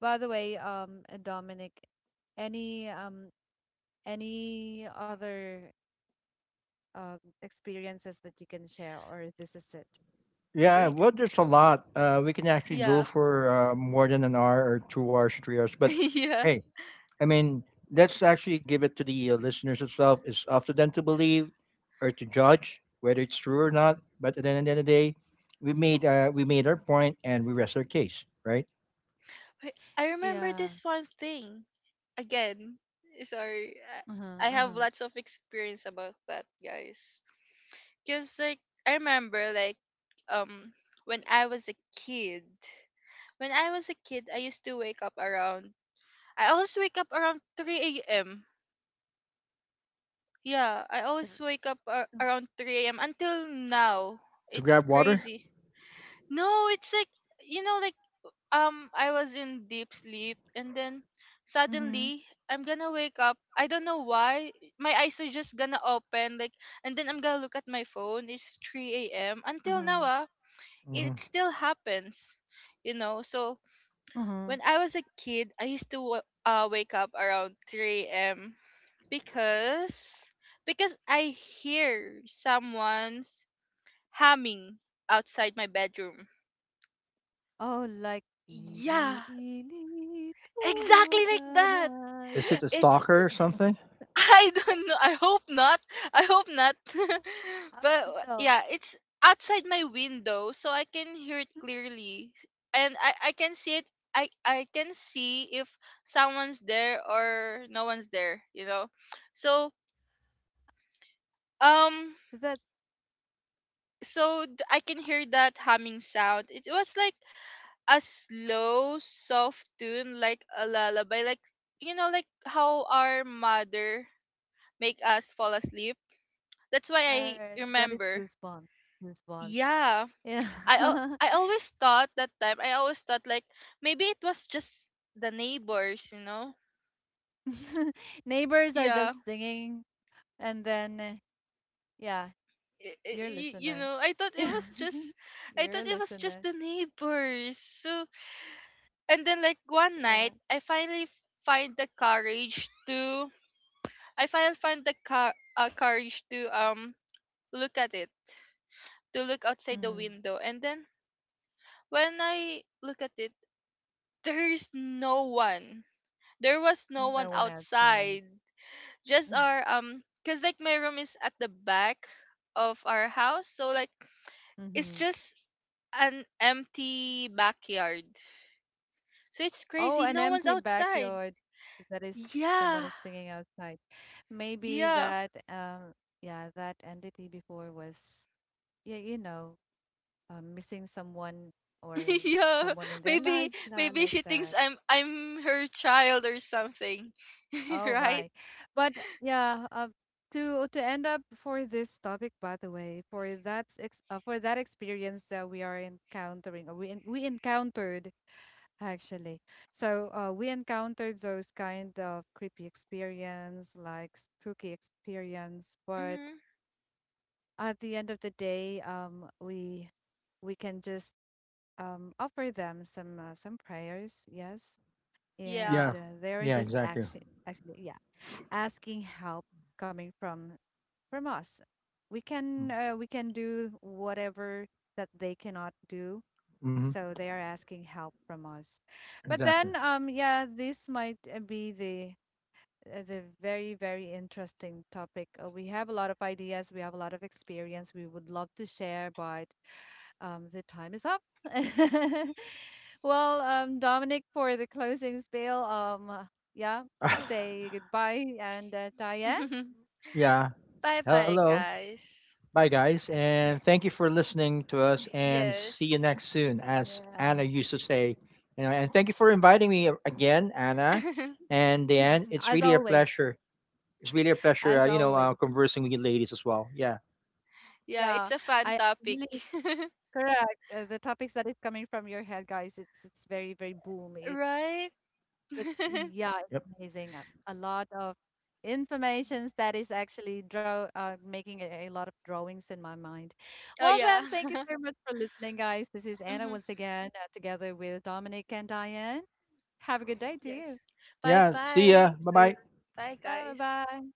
[SPEAKER 1] by the way, Dominic, any um any other uh, experiences that you can share, or this is it?
[SPEAKER 2] Yeah,
[SPEAKER 3] Wait.
[SPEAKER 2] well, there's a lot. We can actually go
[SPEAKER 3] Yeah.
[SPEAKER 2] for more than an hour or 2 hours, 3 hours. But
[SPEAKER 3] Yeah.
[SPEAKER 2] hey, I mean, let's actually give it to the listeners itself. It's up to them to believe or to judge whether it's true or not. But at the end of the day, we made our point and we rest our case, right?
[SPEAKER 3] Wait, I remember
[SPEAKER 1] Yeah.
[SPEAKER 3] this one thing. Again, sorry,
[SPEAKER 1] Uh-huh,
[SPEAKER 3] I have
[SPEAKER 1] uh-huh.
[SPEAKER 3] lots of experience about that, guys. Cause, like, I remember, like, um when I was a kid, I used to wake up around. I always wake up around 3 a.m. Yeah, I
[SPEAKER 1] Th-
[SPEAKER 3] always wake up around 3 a.m. until now.
[SPEAKER 2] To
[SPEAKER 3] It's
[SPEAKER 2] grab water.
[SPEAKER 3] crazy. No, it's like, you know, like, I was in deep sleep and then
[SPEAKER 1] Mm-hmm,
[SPEAKER 3] suddenly I'm gonna wake up. I don't know why. My eyes are just gonna open, like, and then I'm gonna look at my phone. It's 3 a.m. Until now,
[SPEAKER 1] uh-huh,
[SPEAKER 3] ah,
[SPEAKER 2] Hmm.
[SPEAKER 3] it still happens. You know, so
[SPEAKER 1] uh-huh.
[SPEAKER 3] when I was a kid, I used to wake up around 3 a.m. because I hear someone's humming outside my bedroom.
[SPEAKER 1] Oh, like ili
[SPEAKER 3] Yeah,
[SPEAKER 1] ili
[SPEAKER 3] exactly like
[SPEAKER 1] tulugan
[SPEAKER 3] that.
[SPEAKER 1] ay.
[SPEAKER 2] Is it a
[SPEAKER 3] It's,
[SPEAKER 2] stalker or something?
[SPEAKER 3] I don't know. I hope not. I hope not. But,
[SPEAKER 1] Oh
[SPEAKER 3] yeah, it's outside my window, so I can hear it
[SPEAKER 1] no,
[SPEAKER 3] clearly, and I can see it. I can see if someone's there or no one's there. You know, so, um.
[SPEAKER 1] that
[SPEAKER 3] So I can hear that humming sound. It was like a slow, soft tune, like a lullaby, like, you know, like how our mother make us fall asleep. That's why I
[SPEAKER 1] that is
[SPEAKER 3] remember.
[SPEAKER 1] goosebumps, goosebumps.
[SPEAKER 3] Yeah.
[SPEAKER 1] Yeah,
[SPEAKER 3] I always thought that time. I always thought, like, maybe it was just the neighbors, you know.
[SPEAKER 1] neighbors are
[SPEAKER 3] Yeah.
[SPEAKER 1] just singing, and then yeah. Your
[SPEAKER 3] You
[SPEAKER 1] listener.
[SPEAKER 3] know, I thought it was just
[SPEAKER 1] You're a listener.
[SPEAKER 3] the neighbors. So, and then, like, one
[SPEAKER 1] Yeah.
[SPEAKER 3] night, I finally find the courage to I finally find the car courage to look at it, to look outside the
[SPEAKER 1] Mm.
[SPEAKER 3] window. And then when I look at it, there is no one. There was no one
[SPEAKER 1] No one outside.
[SPEAKER 3] outside, just our, um, because, like, my room is at the back of our house, so, like, it's
[SPEAKER 1] Hmm.
[SPEAKER 3] just an empty backyard, so it's
[SPEAKER 1] Oh,
[SPEAKER 3] crazy,
[SPEAKER 1] an
[SPEAKER 3] no one's
[SPEAKER 1] empty
[SPEAKER 3] outside.
[SPEAKER 1] backyard that is, someone
[SPEAKER 3] Yeah.
[SPEAKER 1] is singing outside. Maybe
[SPEAKER 3] Yeah.
[SPEAKER 1] that, yeah, that entity before was, yeah, missing someone, or
[SPEAKER 3] Yeah.
[SPEAKER 1] someone in their
[SPEAKER 3] Maybe,
[SPEAKER 1] lives, la- like
[SPEAKER 3] she thinks
[SPEAKER 1] that.
[SPEAKER 3] I'm her child or something.
[SPEAKER 1] Oh
[SPEAKER 3] Right.
[SPEAKER 1] my. But yeah, to end up for this topic, by the way, for that ex for that experience that we are encountering, or we encountered actually. So we encountered those kind of creepy experience, like spooky experience. But
[SPEAKER 3] Mm-hmm.
[SPEAKER 1] at the end of the day, we can just offer them some prayers, yes, and
[SPEAKER 3] Yeah.
[SPEAKER 2] Yeah.
[SPEAKER 1] they're just
[SPEAKER 2] Yeah.
[SPEAKER 1] action,
[SPEAKER 2] Exactly.
[SPEAKER 1] actually, yeah, asking help coming from us. We can do whatever that they cannot do,
[SPEAKER 2] Mm-hmm.
[SPEAKER 1] so they are asking help from us. But then,
[SPEAKER 2] Exactly.
[SPEAKER 1] yeah, this might be the very very interesting topic. We have a lot of ideas, we have a lot of experience we would love to share, but the time is up. Well, Dominic, for the closing spiel, yeah, say goodbye and Diane.
[SPEAKER 2] Yeah.
[SPEAKER 3] Bye bye,
[SPEAKER 2] Hello.
[SPEAKER 3] guys.
[SPEAKER 2] Bye, guys,
[SPEAKER 1] Yeah,
[SPEAKER 2] and thank you for listening to us. And see you
[SPEAKER 3] Yes.
[SPEAKER 2] next soon, as
[SPEAKER 1] yeah.
[SPEAKER 2] Anna used to say. You know, and thank you for inviting me again, Anna and Dan. It's
[SPEAKER 1] As
[SPEAKER 2] really a
[SPEAKER 1] always,
[SPEAKER 2] pleasure. It's really a pleasure.
[SPEAKER 1] as
[SPEAKER 2] You know,
[SPEAKER 1] always.
[SPEAKER 2] conversing with you ladies as well. Yeah.
[SPEAKER 3] Yeah,
[SPEAKER 1] Yeah,
[SPEAKER 3] it's a fun
[SPEAKER 1] I
[SPEAKER 3] topic.
[SPEAKER 1] really correct. The topics that is coming from your head, guys, it's very, very boom. It's
[SPEAKER 3] Right.
[SPEAKER 1] it's yeah, it's
[SPEAKER 2] Yep.
[SPEAKER 1] amazing. A lot of informations that is actually draw making a lot of drawings in my mind.
[SPEAKER 3] Oh
[SPEAKER 1] Well
[SPEAKER 3] yeah.
[SPEAKER 1] then, thank you so much for listening, guys. This is Anna
[SPEAKER 3] Mhm.
[SPEAKER 1] once again, together with Dominic and Diane. Have a good day to you.
[SPEAKER 3] Yes. Bye
[SPEAKER 2] Yeah. See ya.
[SPEAKER 3] bye.
[SPEAKER 2] Bye
[SPEAKER 1] See you
[SPEAKER 2] bye.
[SPEAKER 3] Bye
[SPEAKER 1] soon. Bye
[SPEAKER 3] guys.
[SPEAKER 1] bye.